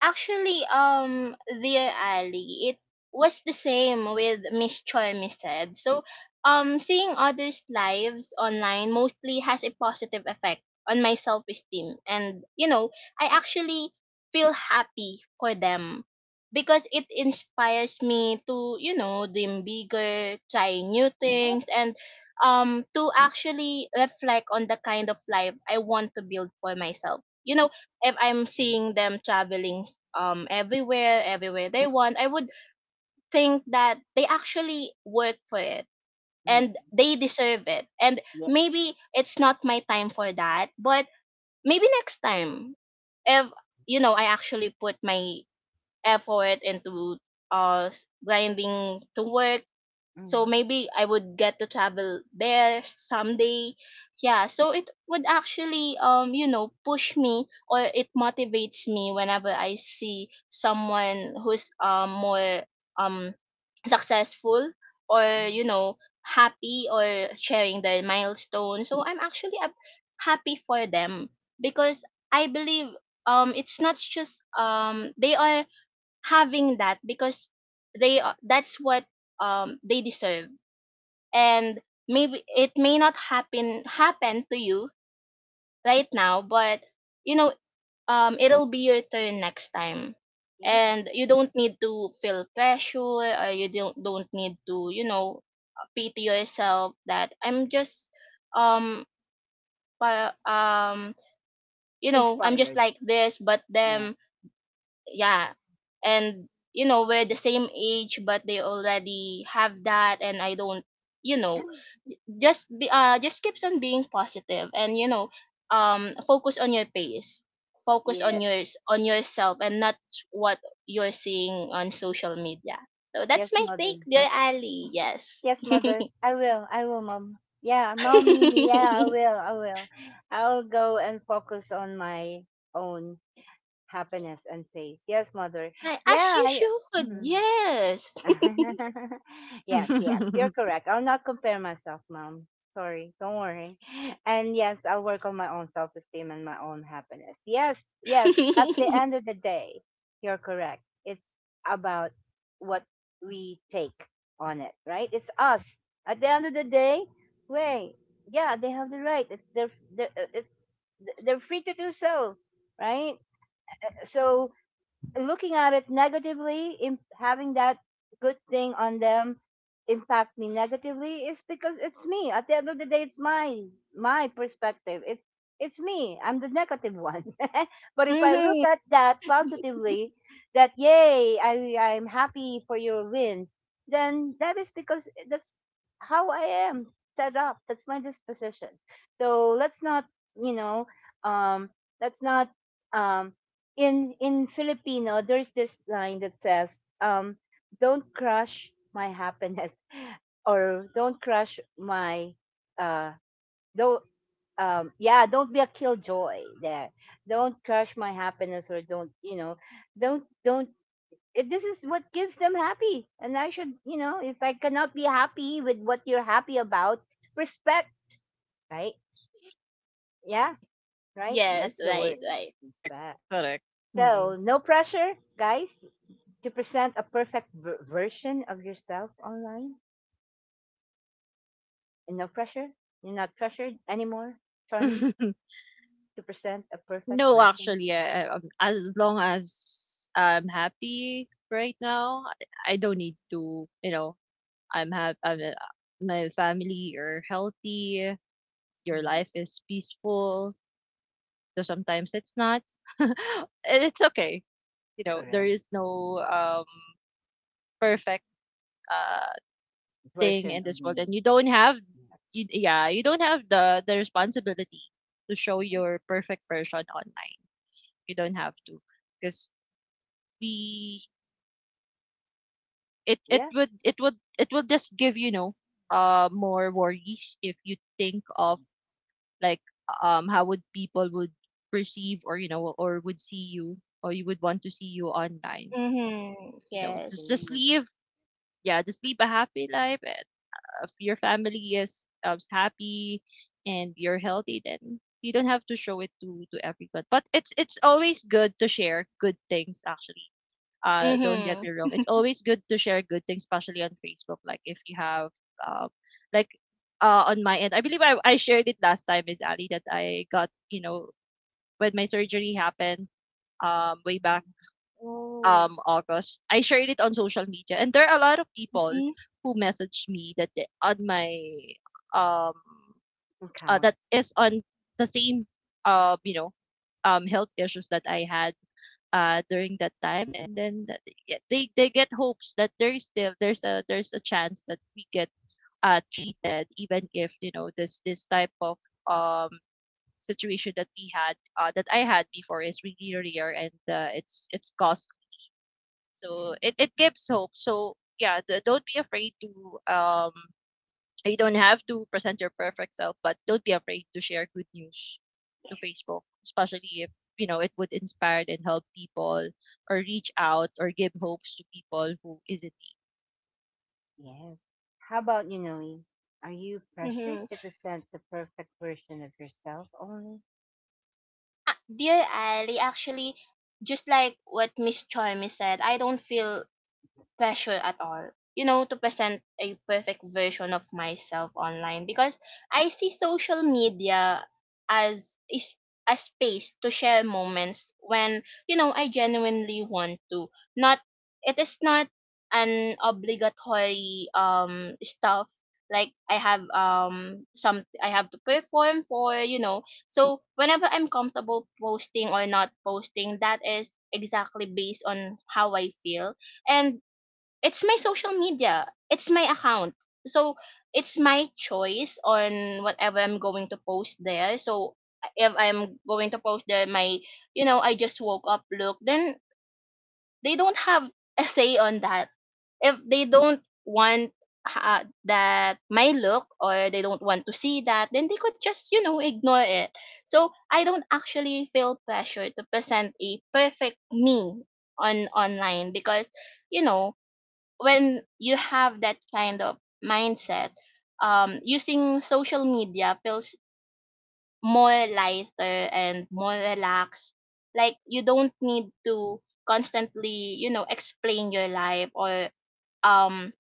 Speaker 3: Actually, dear Ali, it was the same with Miss said. So, seeing others' lives online mostly has a positive effect on my self-esteem, and you know, I actually feel happy for them because it inspires me to dream bigger, try new
Speaker 1: Correct.
Speaker 3: things, and to actually reflect on the kind of life I want to build for myself. You know, if I'm
Speaker 1: Yes.
Speaker 3: seeing them traveling everywhere they want, I would think that they actually work for it
Speaker 1: Mm.
Speaker 3: and they deserve it. And
Speaker 1: Yes.
Speaker 3: maybe it's not my time for that, but maybe next time, if I actually put my effort into grinding to work.
Speaker 1: Mm.
Speaker 3: So maybe I would get to travel there someday. Yeah, so it would actually push me, or it motivates me whenever I see someone who's more um successful or
Speaker 1: Mhm.
Speaker 3: happy or sharing their milestone. So I'm actually happy for them because I believe it's not just they are having that because they are, that's what they deserve. And maybe it may not happen to you right now, but you know it'll be your turn next time,
Speaker 1: Yes.
Speaker 3: and you don't need to feel pressure, or you don't need to pity yourself that I'm just um pa- you know I'm just
Speaker 1: Inspired.
Speaker 3: like this. But
Speaker 1: Yeah.
Speaker 3: then yeah, and you know, we're the same age but they already have that and I don't. You know, just be just keeps on being positive, and focus on your pace. Focus on
Speaker 1: Yes.
Speaker 3: yourself and not what you're seeing on social media. So that's
Speaker 1: Yes,
Speaker 3: my take,
Speaker 1: mother.
Speaker 3: dear Ali. Yes.
Speaker 1: Yes, mother. I will. I will, mom. Yeah, mommy. Yeah, I will. I will. I'll go and focus on my own happiness and peace. Yes, mother.
Speaker 3: Ay, as
Speaker 1: Yeah.
Speaker 3: you should.
Speaker 1: Mhm.
Speaker 3: Yes.
Speaker 1: Yes, yes, you're correct. I'll not compare myself, mom. Sorry, don't worry. And yes, I'll work on my own self esteem and my own happiness. Yes, yes, at the end of the day, you're correct. It's about what we take on it, right? It's us. At the end of the day, wait, yeah, they have the right. It's their, their uh, it's they're free to do so, right? So looking at it negatively, having that good thing on them impact me negatively is because it's me. At the end of the day, it's my perspective. It's me. I'm the negative one. But if I look
Speaker 3: Hmm.
Speaker 1: at that positively, that yay, I'm happy for your wins, then that is because that's how I am set up. That's my disposition. So you know, um, let's not um in Filipino, there's this line that says, "Don't crush my happiness," or "Don't crush my uh, don't yeah, don't be a killjoy." There, don't crush my happiness, or don't, don't. If this is what gives them happy, and I should if I cannot be happy with what you're happy about, respect, right? Yeah, right.
Speaker 3: Yes,
Speaker 1: That's the
Speaker 3: right,
Speaker 1: word,
Speaker 3: right.
Speaker 2: Correct,
Speaker 1: respect.
Speaker 2: correct. Mm-mm.
Speaker 1: So no pressure, guys, to present a perfect version of yourself online and no pressure. You're not pressured anymore, Charmy, to present a perfect
Speaker 2: No,
Speaker 1: version.
Speaker 2: actually, as long as I'm happy right now, I don't need to, you know, I'm happy, I'm, my family are healthy, your life
Speaker 1: Mhm.
Speaker 2: is peaceful, though sometimes it's not. And it's okay. You know, there
Speaker 1: Correct.
Speaker 2: is no perfect uh thing in
Speaker 1: Version
Speaker 2: this
Speaker 1: of
Speaker 2: world, and
Speaker 1: me.
Speaker 2: you don't have,
Speaker 1: Yes.
Speaker 2: you, yeah, you don't have the responsibility to show
Speaker 1: Okay.
Speaker 2: your perfect version online. You don't have to, because we it it
Speaker 1: Yeah.
Speaker 2: would it would it will just give, you know, more worries if you think of, like, how would people would perceive, or, you know, or would see you, or you would want to see you online.
Speaker 3: Mm-hmm.
Speaker 2: Just
Speaker 3: Yes.
Speaker 1: Mm.
Speaker 2: leave, yeah, just live a happy life. And if your family is, happy, and you're healthy, then you don't have to show it to everyone. But it's always good to share good things, actually. Don't get
Speaker 3: Mm-hmm.
Speaker 2: me wrong. It's always good to share good things, especially on Facebook. Like if you have, um, like, on my end, I believe I shared it last time, Miss Ali, that I got, you know, when my surgery happened, way back,
Speaker 1: Mhm.
Speaker 3: Oh.
Speaker 2: August. I shared it on social media, and there are a lot of people
Speaker 3: Mm-hmm.
Speaker 2: who messaged me that they, on my, um,
Speaker 1: Count.
Speaker 2: that is on the same, you know, health issues that I had during that time. And then they get hopes that there is still, there's a, there's a chance that we get treated, even if, you know, this type of um situation that we had, that I had before, is really rare, and it's costly. So
Speaker 1: Yes.
Speaker 2: it gives hope. So yeah, don't be afraid to um you don't have to present your perfect self, but don't be afraid to share good news to
Speaker 1: Yes.
Speaker 2: Facebook, especially if, you know, it would inspire and help people, or reach out, or give hopes to people who is in
Speaker 1: Yes. How about you, Noe? Are you pressured
Speaker 3: Mm-hmm.
Speaker 1: to present the perfect version of yourself only?
Speaker 3: Ah, dear Ali, actually, just like what Miss Charmy said, I don't feel pressure at all, to present a perfect version of myself online because I see social media as is a space to share moments when I genuinely want to, not, it is not an obligatory stuff, like I have to perform for, you know. So whenever I'm comfortable posting or not posting, that is exactly based on how I feel. And it's my social media, it's my account, so it's my choice on whatever I'm going to post there. So if I'm going to post there my, I just woke up look, then they don't have a say on that. If they don't want that my look, or they don't want to see that, then they could just ignore it. So I don't actually feel pressure to present a perfect me on online because you know, when you have that kind of mindset, using social media feels more lighter and more relaxed. Like you don't need to constantly, explain your life, or um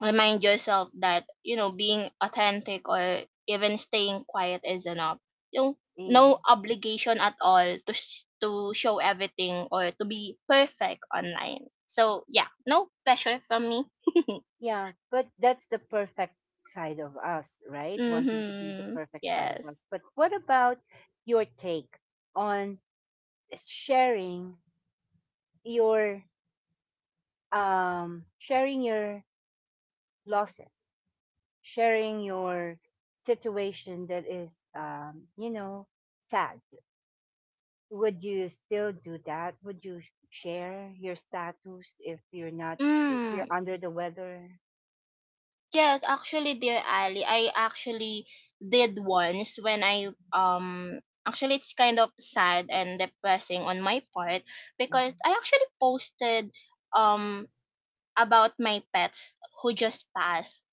Speaker 3: remind yourself that being authentic or even staying quiet is enough. You know, no obligation at all to to show everything or to be perfect online. So yeah, no pressure from me.
Speaker 1: Yeah, but that's the perfect side of us, right? Wanting to be the
Speaker 3: Mhm.
Speaker 1: perfect side of
Speaker 3: Yes.
Speaker 1: us. But what about your take on sharing your your losses, sharing your situation that is sad. Would you still do that? Would you share your status if you're not if you're
Speaker 3: Mm,
Speaker 1: under the weather?
Speaker 3: yes, actually, dear Ali, I actually did once when I actually it's kind of sad and depressing on my part because
Speaker 1: Mm-hmm.
Speaker 3: I actually posted um about my pets who just passed.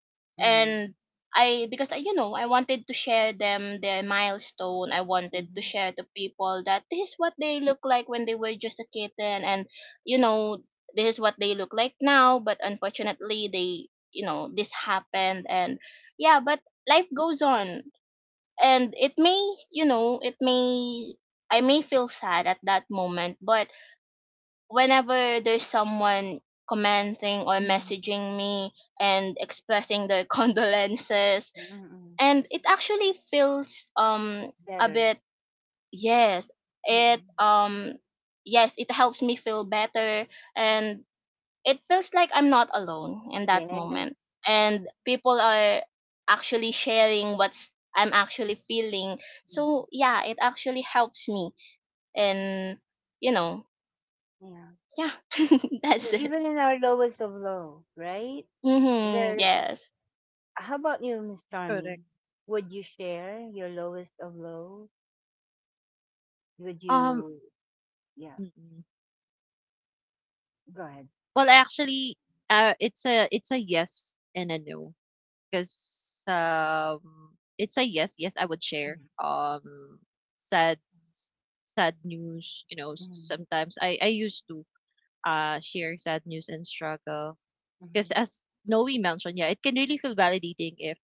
Speaker 1: Mm-hmm.
Speaker 3: And I because I, you know I wanted to share them their milestone. I wanted to
Speaker 1: Mm-hmm.
Speaker 3: share to people that this is what they look like when they were just a kitten, and you know this is what they look like now. But unfortunately, they, this happened, and yeah. But life goes on, and it may you know it may I may feel sad at that moment. But whenever there's someone commenting or
Speaker 1: Mm-hmm.
Speaker 3: messaging me and expressing their condolences,
Speaker 1: Mm-hmm.
Speaker 3: and it actually feels a
Speaker 1: Better.
Speaker 3: bit, yes. it
Speaker 1: Mm-mm.
Speaker 3: um yes, it helps me feel better, and it feels like I'm not alone in that moment,
Speaker 1: Yes.
Speaker 3: and people are actually sharing what's I'm actually feeling. So
Speaker 1: Mm.
Speaker 3: yeah, it actually helps me. And, you know,
Speaker 1: Yeah.
Speaker 3: yeah,
Speaker 1: So
Speaker 3: that's it.
Speaker 1: even in our lowest of low, right?
Speaker 3: Mhm.
Speaker 1: There.
Speaker 3: Yes.
Speaker 1: How about you, Miss
Speaker 2: need. Correct.
Speaker 1: Charmy? Would you share your lowest of low? Would
Speaker 2: Um,
Speaker 1: you? Yeah.
Speaker 2: mm-mm.
Speaker 1: Go ahead.
Speaker 2: Well, actually, it's a, it's a yes and a no, because, it's a yes. Yes, I would share
Speaker 1: Mhm.
Speaker 2: sad news. You know,
Speaker 1: Mhm.
Speaker 2: sometimes I used to share sad news and struggle. Because
Speaker 1: Mhm.
Speaker 2: as Noe mentioned, yeah, it can really feel validating if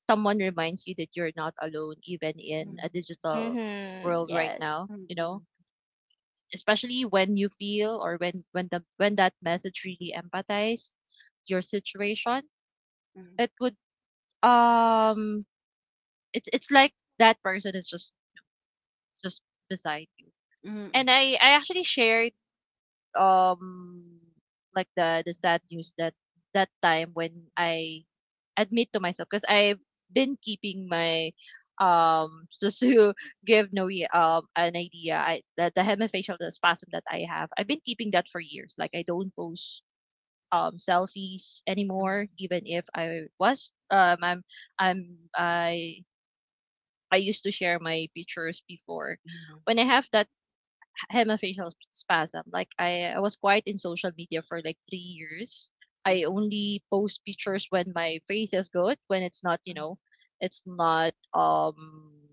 Speaker 2: someone reminds you that you're not alone, even in a digital
Speaker 3: Mhm.
Speaker 2: world right
Speaker 3: Yes.
Speaker 2: now. You know,
Speaker 1: Mhm.
Speaker 2: especially when you feel, or when that message really empathize your situation,
Speaker 1: Mhm.
Speaker 2: it would, um, it's like that person is just just beside you.
Speaker 1: Mhm.
Speaker 2: And
Speaker 1: Mhm.
Speaker 2: I actually shared um like the sad news that, that time when I admit to myself, because I've been keeping my so to give Noe an idea, I, the hemifacial, the spasm that I have, I've been keeping that for years. Like I don't post selfies
Speaker 1: Mhm.
Speaker 2: anymore, even if I was, I'm I I used to share my pictures before,
Speaker 1: Mhm.
Speaker 2: when I have that hemifacial spasm. Like I was quiet in social media for like 3 years. I
Speaker 1: Mhm.
Speaker 2: only post pictures when my face is good, when it's not, you
Speaker 1: Mhm.
Speaker 2: know, it's not um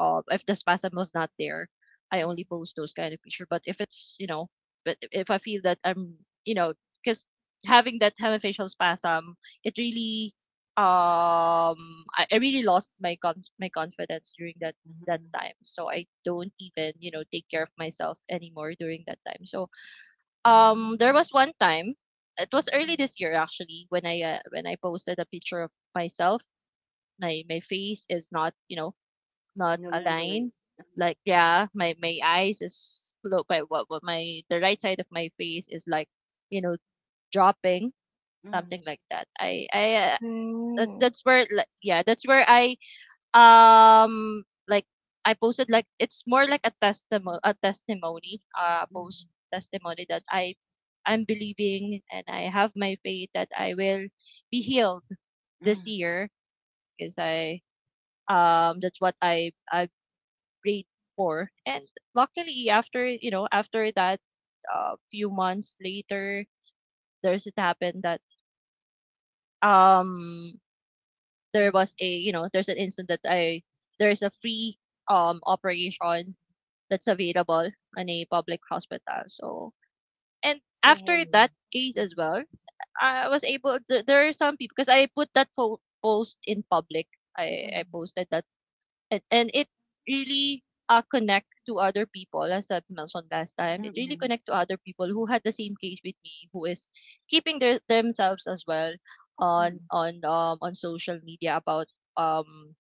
Speaker 2: uh, if the spasm was not there. I only
Speaker 1: Yeah.
Speaker 2: post those kind of picture. But if it's, you know, but if I feel that I'm, you know, because having that hemifacial spasm, it really um I really lost my my confidence during that
Speaker 1: Mhm. Mhm.
Speaker 2: time. So I don't even, you know, take care of myself anymore during that time. So there was one time, it was early
Speaker 1: Mhm.
Speaker 2: this year actually, when I, when I posted a picture of myself. My face is not, you know, not
Speaker 1: No longer.
Speaker 2: aligned.
Speaker 1: Mhm.
Speaker 2: Like yeah, my eyes is close by, what my, the right side of my face is like, you know, dropping, something
Speaker 1: Mhm.
Speaker 2: like that. I that's
Speaker 3: Mm.
Speaker 2: that's where, like yeah, that's where I, like, I posted, like, it's more like a testimony, a testimony
Speaker 1: Mhm.
Speaker 2: post, testimony that I, I'm believing and I have my faith that I will be healed this
Speaker 1: Mhm.
Speaker 2: year, because I, that's what I prayed for. And luckily, after, you know, after that, few months later, there's, it happened that, um there
Speaker 1: Mhm.
Speaker 2: was a, you know, there's an incident that I, there is a free operation that's available in a public hospital. So, and
Speaker 1: Yay.
Speaker 2: after that case as
Speaker 1: Mhm.
Speaker 2: well, I was able. There are some people, because I put that post in public. I
Speaker 1: Mm,
Speaker 2: posted that, and it really, connect to other people, as I've mentioned last time. It really
Speaker 1: mm,
Speaker 2: connect to other people who had the same case with me, who is keeping their themselves as well on
Speaker 1: mm,
Speaker 2: on social media about, um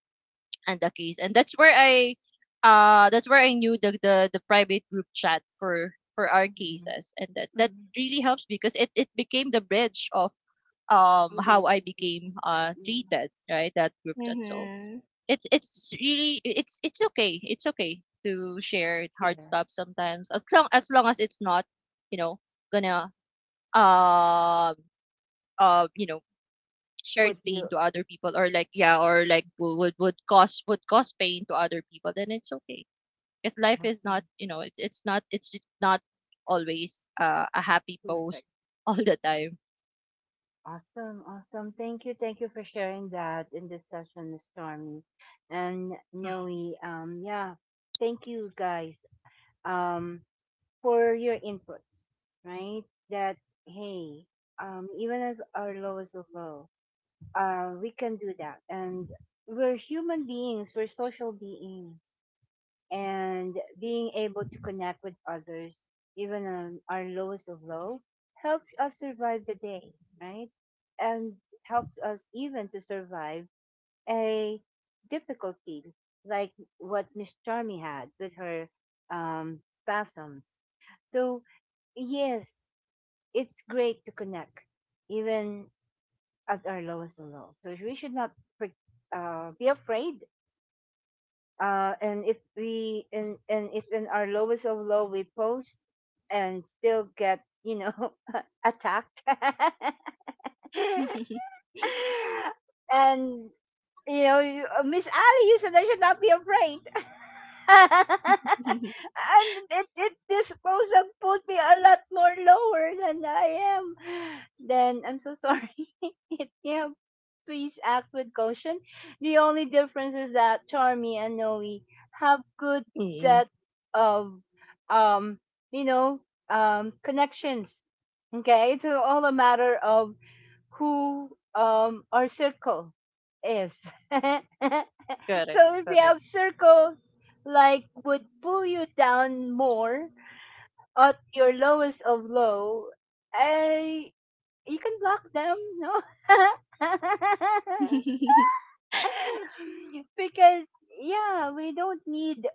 Speaker 2: and the case, and that's where I, that's where I knew the, the private group chat for our
Speaker 1: mm,
Speaker 2: cases, and that,
Speaker 1: mm.
Speaker 2: really helps, because it became the bridge of how
Speaker 1: Others
Speaker 2: I
Speaker 1: as
Speaker 2: became
Speaker 1: well. Yeah,
Speaker 2: treated, right, that group chat. So
Speaker 3: Mhm.
Speaker 2: it's really, it's okay, it's okay to share hard
Speaker 1: share
Speaker 2: stuff sometimes, as long as long as it's not, you know, gonna you know, shared
Speaker 1: what
Speaker 2: pain
Speaker 1: you
Speaker 2: to other people, or like, yeah, or like would cause, pain to other people, then it's okay. Because life is not,
Speaker 1: awesome,
Speaker 2: you know, it's not, it's not always a happy post
Speaker 1: perfect,
Speaker 2: all the time.
Speaker 1: awesome, awesome. Thank you for sharing that in this session, Miss Charmy and
Speaker 2: Mm.
Speaker 1: Noe. Yeah, thank you guys. Um, for your inputs, right? That hey, even at our lowest of low, we can do that, and we're human beings. We're social beings, and being able to connect with others, even on our lowest of low, helps us survive the day, right? And helps us even to survive a difficulty like what Miss Charmy had with her um, spasms. So, yes, it's great to connect even at our lowest of low. So we should not fr- be afraid, and if we and if in our lowest of low we post and still get, attacked. And you know, Miss Ali, you said I should not be afraid.
Speaker 3: Mhm.
Speaker 1: And it disposal put me a lot more lower than I am. Then I'm so sorry. Yeah, please act with caution. The only difference is that Charmy and Noe have good
Speaker 2: Mm-mm.
Speaker 1: set of um you know connections. Okay, it's all a matter of who our circle is. So
Speaker 2: Correct.
Speaker 1: if you
Speaker 2: Correct.
Speaker 1: have circles like would pull you down more at your lowest of low, I you can block them, no?
Speaker 3: Mhm.
Speaker 1: Because yeah, we don't need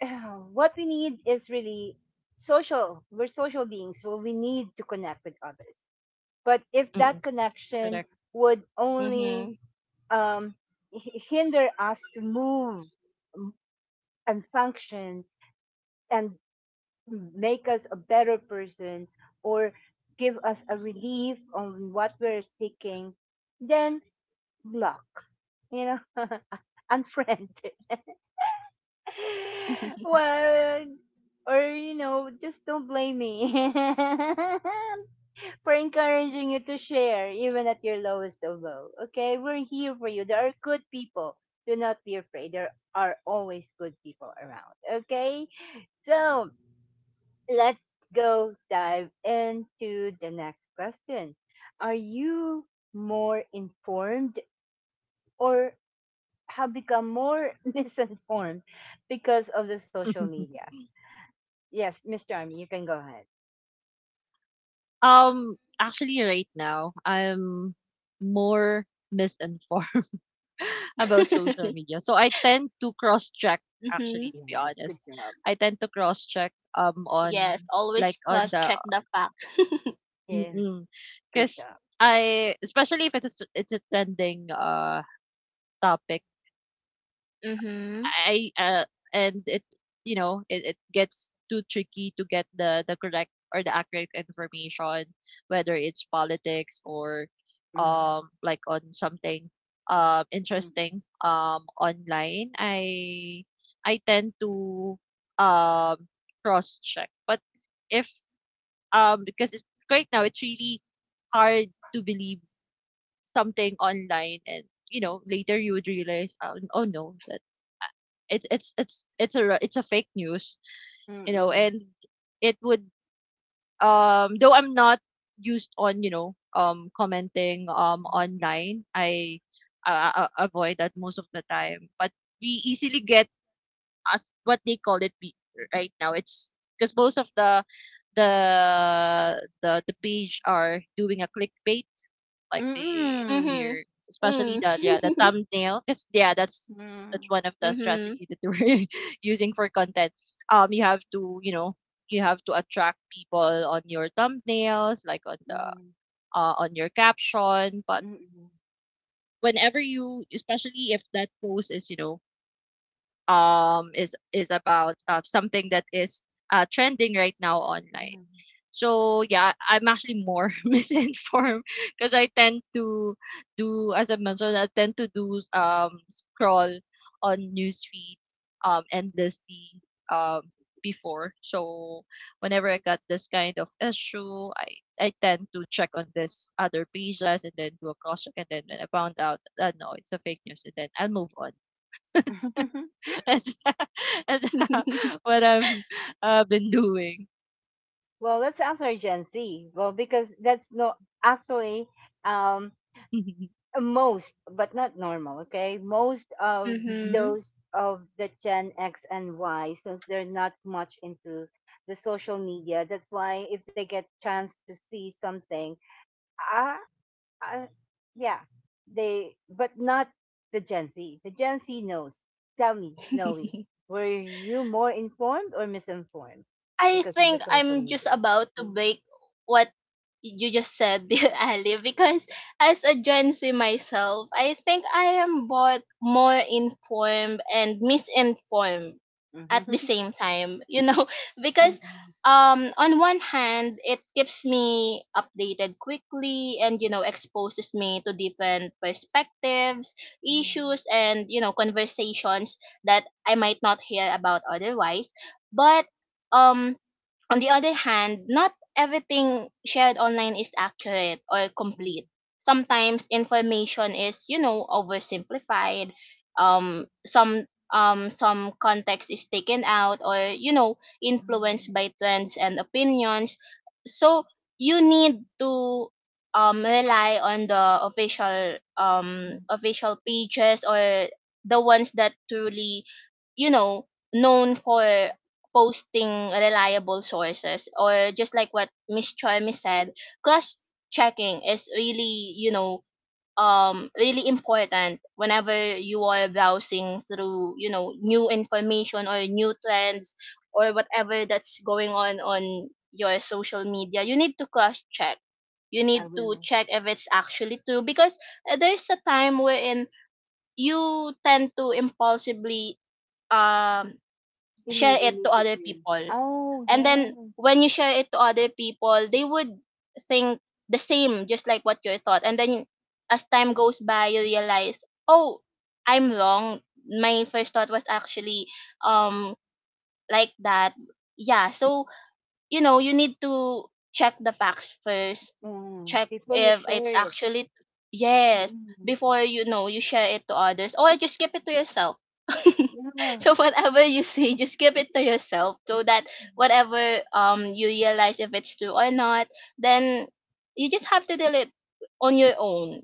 Speaker 1: what we need is really social. We're social beings, so we need to connect with others. But if
Speaker 2: Mm,
Speaker 1: that connection
Speaker 2: correct.
Speaker 1: would only um, hinder us to move m- and function and make us a better person, or give us a relief on what we're seeking, then block, you know, unfriend. Well, or, just don't blame me. For encouraging you to share even at your lowest of low. Okay, we're here for you. There are good people. Do not be afraid. There are always good people around. Okay, so let's go dive into the next question. Are you more informed or have become more misinformed because of the social media? Yes, Mr. Army, you can go ahead.
Speaker 2: Actually, right now I'm more misinformed about social media, so I tend to cross check. Actually, to be
Speaker 1: Yes, good
Speaker 2: honest,
Speaker 1: job.
Speaker 2: I tend to cross check
Speaker 3: Yes.
Speaker 2: on,
Speaker 3: Always
Speaker 2: like on
Speaker 3: cross
Speaker 2: the...
Speaker 3: check the fact.
Speaker 1: Yeah,
Speaker 2: Mm-mm.
Speaker 1: good
Speaker 2: Because
Speaker 1: job.
Speaker 2: I, especially if it's a, it's a trending, topic,
Speaker 3: Mhm.
Speaker 2: I, and it, you know, it gets too tricky to get the correct or the accurate information, whether it's politics or,
Speaker 1: Mm-hmm.
Speaker 2: like on something, interesting, online. I tend to, um, cross check. But if, because it's right now, it's really hard to believe something online, and, you know, later you would realize, oh, oh no, that, it's a, it's a fake news,
Speaker 1: mm
Speaker 2: you know.
Speaker 1: Hmm.
Speaker 2: And it would, though I'm not used on, you know, commenting online, I, avoid that most of the time. But we easily get, as what they call it, right now. It's because most of the, the the page are doing a clickbait, like they,
Speaker 1: Mm.
Speaker 3: Mhm.
Speaker 2: they're, especially the, yeah, the
Speaker 3: Mm.
Speaker 2: thumbnail. Because yeah, that's
Speaker 1: Mm.
Speaker 2: one of the
Speaker 3: Mhm.
Speaker 2: strategy that we're using for content. You have to, you know, you have to attract people on your thumbnails, like on the,
Speaker 1: Mhm.
Speaker 2: on your caption. But
Speaker 1: Mm.
Speaker 2: whenever you, especially if that post is, you know, is about, something that is trending right now online.
Speaker 1: Mhm.
Speaker 2: So yeah, I'm actually more misinformed, because I tend to do, as I mentioned, I tend to do scroll on newsfeed endlessly um before. So whenever I got this kind of issue, I tend to check on this other pages, and then do a cross check, and then when I found out that, no, it's a fake news, and then I'll move on. That's that's what I've been doing.
Speaker 1: Well, let's answer Gen Z. Well, because that's no, actually, um most, but not normal, okay? Most of
Speaker 3: Mhm.
Speaker 1: those of the Gen X and Y, since they're not much into the social media, that's why if they get chance to see something, ah, uh, yeah, they, but not the Gen Z. The Gen Z knows. Tell me, Noe, were you more informed or misinformed
Speaker 3: I
Speaker 1: because of the
Speaker 3: think
Speaker 1: social
Speaker 3: I'm just
Speaker 1: media?
Speaker 3: about to break what you just said, dear Ali, because as a Gen Z myself, I think I am both more informed and misinformed at
Speaker 1: Mm-hmm.
Speaker 3: the same time, you know. Because on one hand, it keeps me updated quickly and, you know, exposes me to different perspectives, issues, and, you know, conversations that I might not hear about otherwise. But um on the other hand, not everything shared online is accurate or complete. Sometimes information is, you know, oversimplified. Um, some um, some context is taken out or, you know, influenced by trends and opinions. So you need to rely on the official official pages or the ones that truly, you know, known for posting reliable sources, or just like what Miss Cholmy said, cross checking is really, you know, really important whenever you are browsing through, you know, new information or new trends or whatever that's going on your social media. You need to cross check. You
Speaker 1: I
Speaker 3: need to
Speaker 1: will.
Speaker 3: check if it's actually true. Because there's a time wherein you tend to impulsively um share
Speaker 1: Believe
Speaker 3: it to other
Speaker 1: immediately.
Speaker 3: people,
Speaker 1: Oh,
Speaker 3: and then
Speaker 1: yes.
Speaker 3: when you share it to other people, they would think the same just like what you thought. And then as time goes by, you realize, oh, I'm wrong. My first thought was actually um like that. Yeah, so you know, you need to check the facts first.
Speaker 1: Yeah.
Speaker 3: Check
Speaker 1: Before you
Speaker 3: if it's
Speaker 1: share it.
Speaker 3: actually, yes,
Speaker 1: Mm-mm.
Speaker 3: before, you know, you share it to others, or just keep it to yourself.
Speaker 1: Yeah.
Speaker 3: So whatever you see, just keep it to yourself so that whatever you realize, if it's true or not, then you just have to deal it on your own.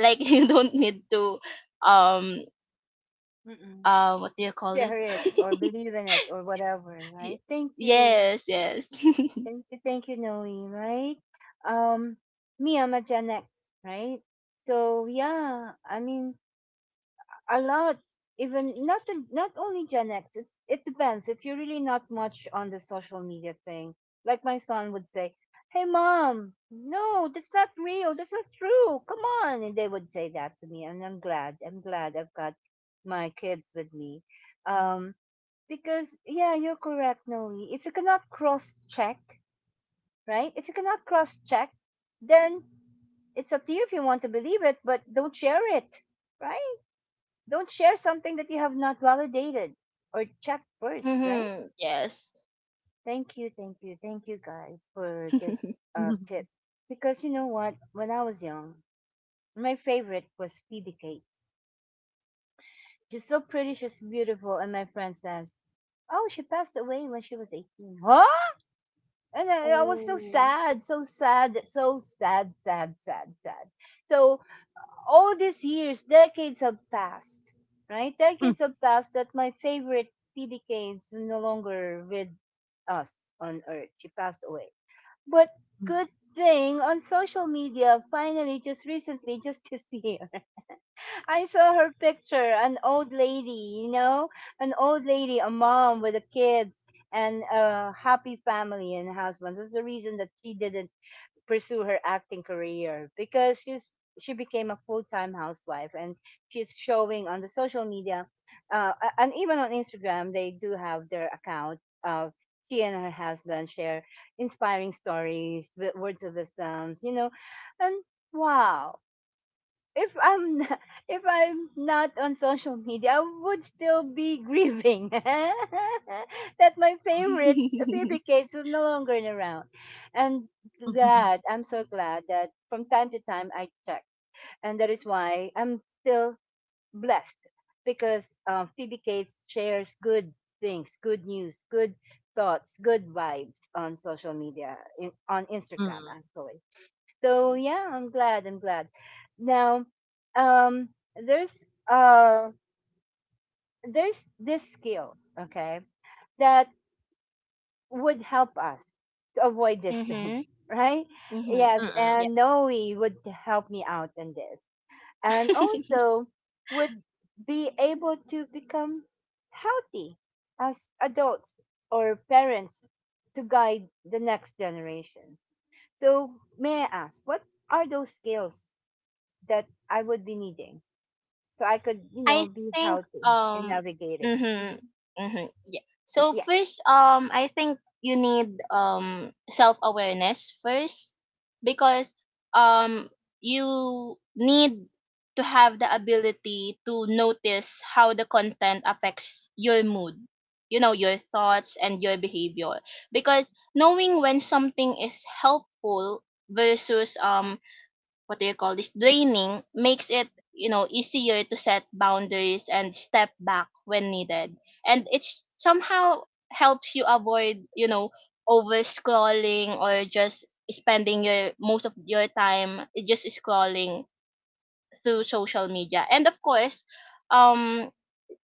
Speaker 3: Like, you don't need to um
Speaker 1: Mm-mm.
Speaker 3: what do you call it.
Speaker 1: Share it or believe in it or whatever,
Speaker 3: Y-
Speaker 1: right? Thank you.
Speaker 3: yes, yes.
Speaker 1: Thank you. Thank you, Noe, right? Um, me, I'm a Gen X, right? So, yeah, I mean, a lot, even not only Gen X. It's, it depends if you're really not much on the social media thing. Like my son would say, hey mom, no, that's not real, that's not true, come on. And they would say that to me, and I'm glad, I've got my kids with me. um because, yeah, you're correct, Noe. If you cannot cross check, right, if you cannot cross check, then it's up to you if you want to believe it, but don't share it, right? Don't share something that you have not validated or checked first, right?
Speaker 3: Mm-hmm. Yes.
Speaker 1: Thank you, thank you, thank you guys for this tip. Because you know what? When I was young, my favorite was Phoebe Kate. She's so pretty, she's beautiful, and my friend says, "Oh, she passed away when she was 18." Huh? And I was so
Speaker 3: Oh.
Speaker 1: sad, so sad, so sad, sad, sad, sad. So all these years, decades have passed, right? Decades have passed that my favorite PB Kane is no longer with us on Earth. She passed away. But good thing on social media, finally, just recently, just this year, I saw her picture, an old lady, you know, an old lady, a mom with the kids and a happy family and husband. That's the reason that she did it, pursue her acting career, because she became a full-time housewife. And she's showing on the social media, uh, and even on Instagram, they do have their account of she and her husband share inspiring stories, words of wisdoms, you know. And wow, if I'm n- if I'm not on social media, I would still be grieving that my favorite baby cakes is no longer around. And glad, I'm so glad that from time to time I check, and that is why I'm still blessed, because Phoebe Cates shares good things, good news, good thoughts, good vibes on social media, on Instagram actually. So yeah, I'm glad. I'm glad. Now, um, there's uh, there's this skill, okay, that would help us to avoid this thing,
Speaker 3: Mm-hmm.
Speaker 1: right?
Speaker 3: Mhm.
Speaker 1: Yes,
Speaker 3: Yeah.
Speaker 1: and Noe would help me out in this, and also would be able to become healthy as adults or parents to guide the next generation. So may I ask, what are those skills that I would be needing? So I could, you know,
Speaker 3: I
Speaker 1: be
Speaker 3: think
Speaker 1: healthy in navigating. Hmm.
Speaker 3: mhm, mhm, yeah. So
Speaker 1: Yes.
Speaker 3: first, I think you need self-awareness first. Because um you need to have the ability to notice how the content affects your mood, you know, your thoughts and your behavior. Because knowing when something is helpful versus what do you call this, draining, makes it, you know, easier to set boundaries and step back when needed. And it's somehow helps you avoid, you know, over scrolling or just spending your most of your time just scrolling through social media. And of course, um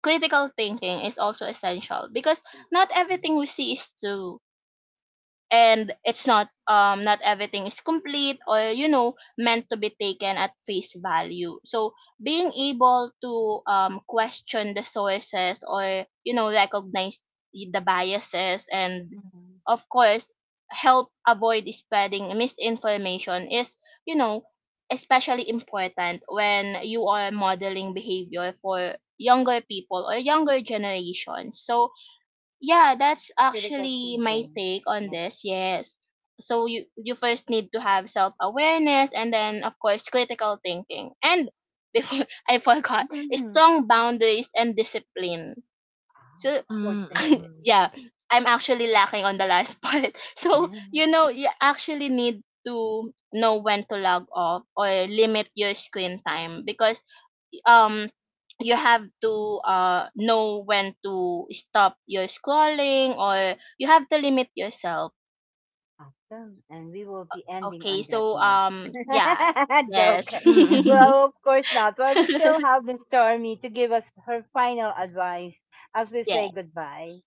Speaker 3: critical thinking is also essential, because not
Speaker 1: Wow.
Speaker 3: everything we see is true. And it's not not everything is complete or, you know, meant to be taken at face value. So being able to question the sources or, you know, recognize the biases, and
Speaker 1: Mhm.
Speaker 3: of course help avoid spreading misinformation, is, you know, especially important when you are modeling behavior for younger people or younger generations. So yeah, that's
Speaker 1: Critical
Speaker 3: actually my
Speaker 1: thinking.
Speaker 3: take on
Speaker 1: Yeah.
Speaker 3: this. Yes. So you first need to have self-awareness, and then of course critical thinking. And before I forgot,
Speaker 1: Mhm.
Speaker 3: strong boundaries and discipline.
Speaker 1: Wow.
Speaker 3: So
Speaker 1: Poor thing.
Speaker 3: yeah, I'm actually lacking on the last part. So, you
Speaker 1: Mhm.
Speaker 3: know, you actually need to know when to log off or limit your screen time. Because um you have to know when to stop your scrolling, or you have to limit yourself.
Speaker 1: Awesome. And we will be ending
Speaker 3: Okay,
Speaker 1: on that
Speaker 3: so
Speaker 1: note.
Speaker 3: yeah, yes.
Speaker 1: Joke. Well, of course not. Well, we still have Miss Stormy to give us her final advice as we
Speaker 3: Yeah.
Speaker 1: say goodbye.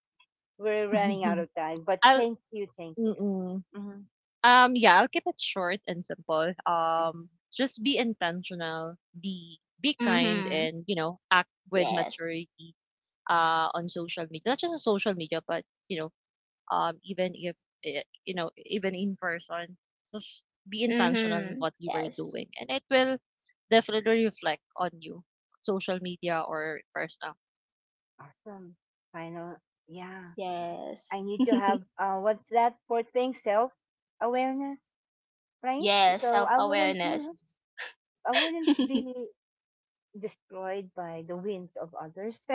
Speaker 1: We're running out of time, but
Speaker 2: I'll,
Speaker 1: thank you, thank you.
Speaker 2: mm-mm.
Speaker 1: Mhm.
Speaker 2: Yeah, I'll keep it short and simple.
Speaker 1: Mhm.
Speaker 2: Just be intentional, be kind,
Speaker 3: Mhm.
Speaker 2: and, you know, act with
Speaker 3: Yes.
Speaker 2: maturity. On social media, not just on social media, but, you know, even if, you know, even in person, just be intentional in
Speaker 3: Mhm.
Speaker 2: what you are
Speaker 3: Yes.
Speaker 2: doing, and it will definitely reflect on you, social media or personal.
Speaker 1: Awesome. Final. Yeah.
Speaker 3: Yes.
Speaker 1: I need to have, what's that fourth thing? Self awareness, right?
Speaker 3: Yes,
Speaker 1: So
Speaker 3: self
Speaker 1: I wouldn't, you
Speaker 3: awareness.
Speaker 1: know, I wouldn't be destroyed by the winds of others.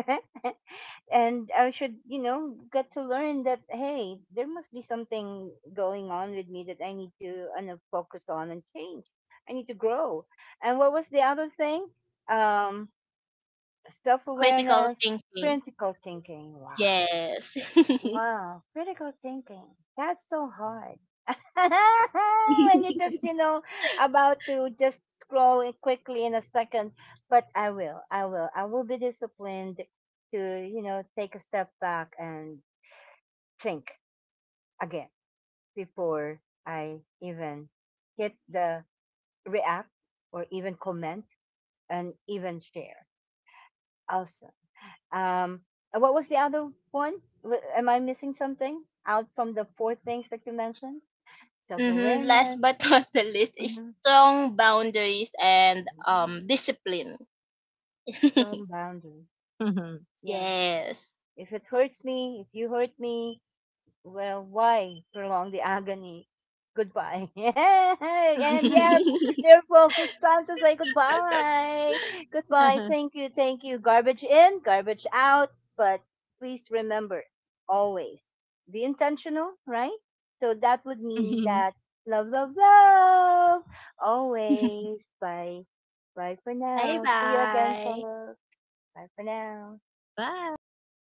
Speaker 1: And I should, you know, get to learn that, hey, there must be something going on with me that I need to know, focus on and change. I need to grow. And what was the other thing? Um, self
Speaker 3: Critical
Speaker 1: awareness,
Speaker 3: thinking.
Speaker 1: critical thinking. Wow.
Speaker 3: Yes.
Speaker 1: Wow, critical thinking. That's so hard. When you just, you know, about to just scroll it quickly in a second. But I will be disciplined to, you know, take a step back and think again before I even hit the react or even comment and even share. Awesome. Um, and what was the other one? Am I missing something out from the four things that you mentioned? Self
Speaker 3: Mm-hmm. Last
Speaker 1: awareness,
Speaker 3: but not the least, is
Speaker 1: mm-hmm,
Speaker 3: strong boundaries and discipline.
Speaker 1: strong boundary. Yeah.
Speaker 3: Yes.
Speaker 1: If it hurts me, if you hurt me, well, why prolong the agony? Goodbye. And yes, dear folks, it's time to say goodbye. Goodbye. Thank you. Thank you. Garbage in, garbage out. But please remember, always be intentional, right? So that would mean that love, love, love always. Bye. Bye for
Speaker 3: Bye
Speaker 1: now. See you again,
Speaker 3: bye.
Speaker 1: folks. Bye for now.
Speaker 2: Bye, bye.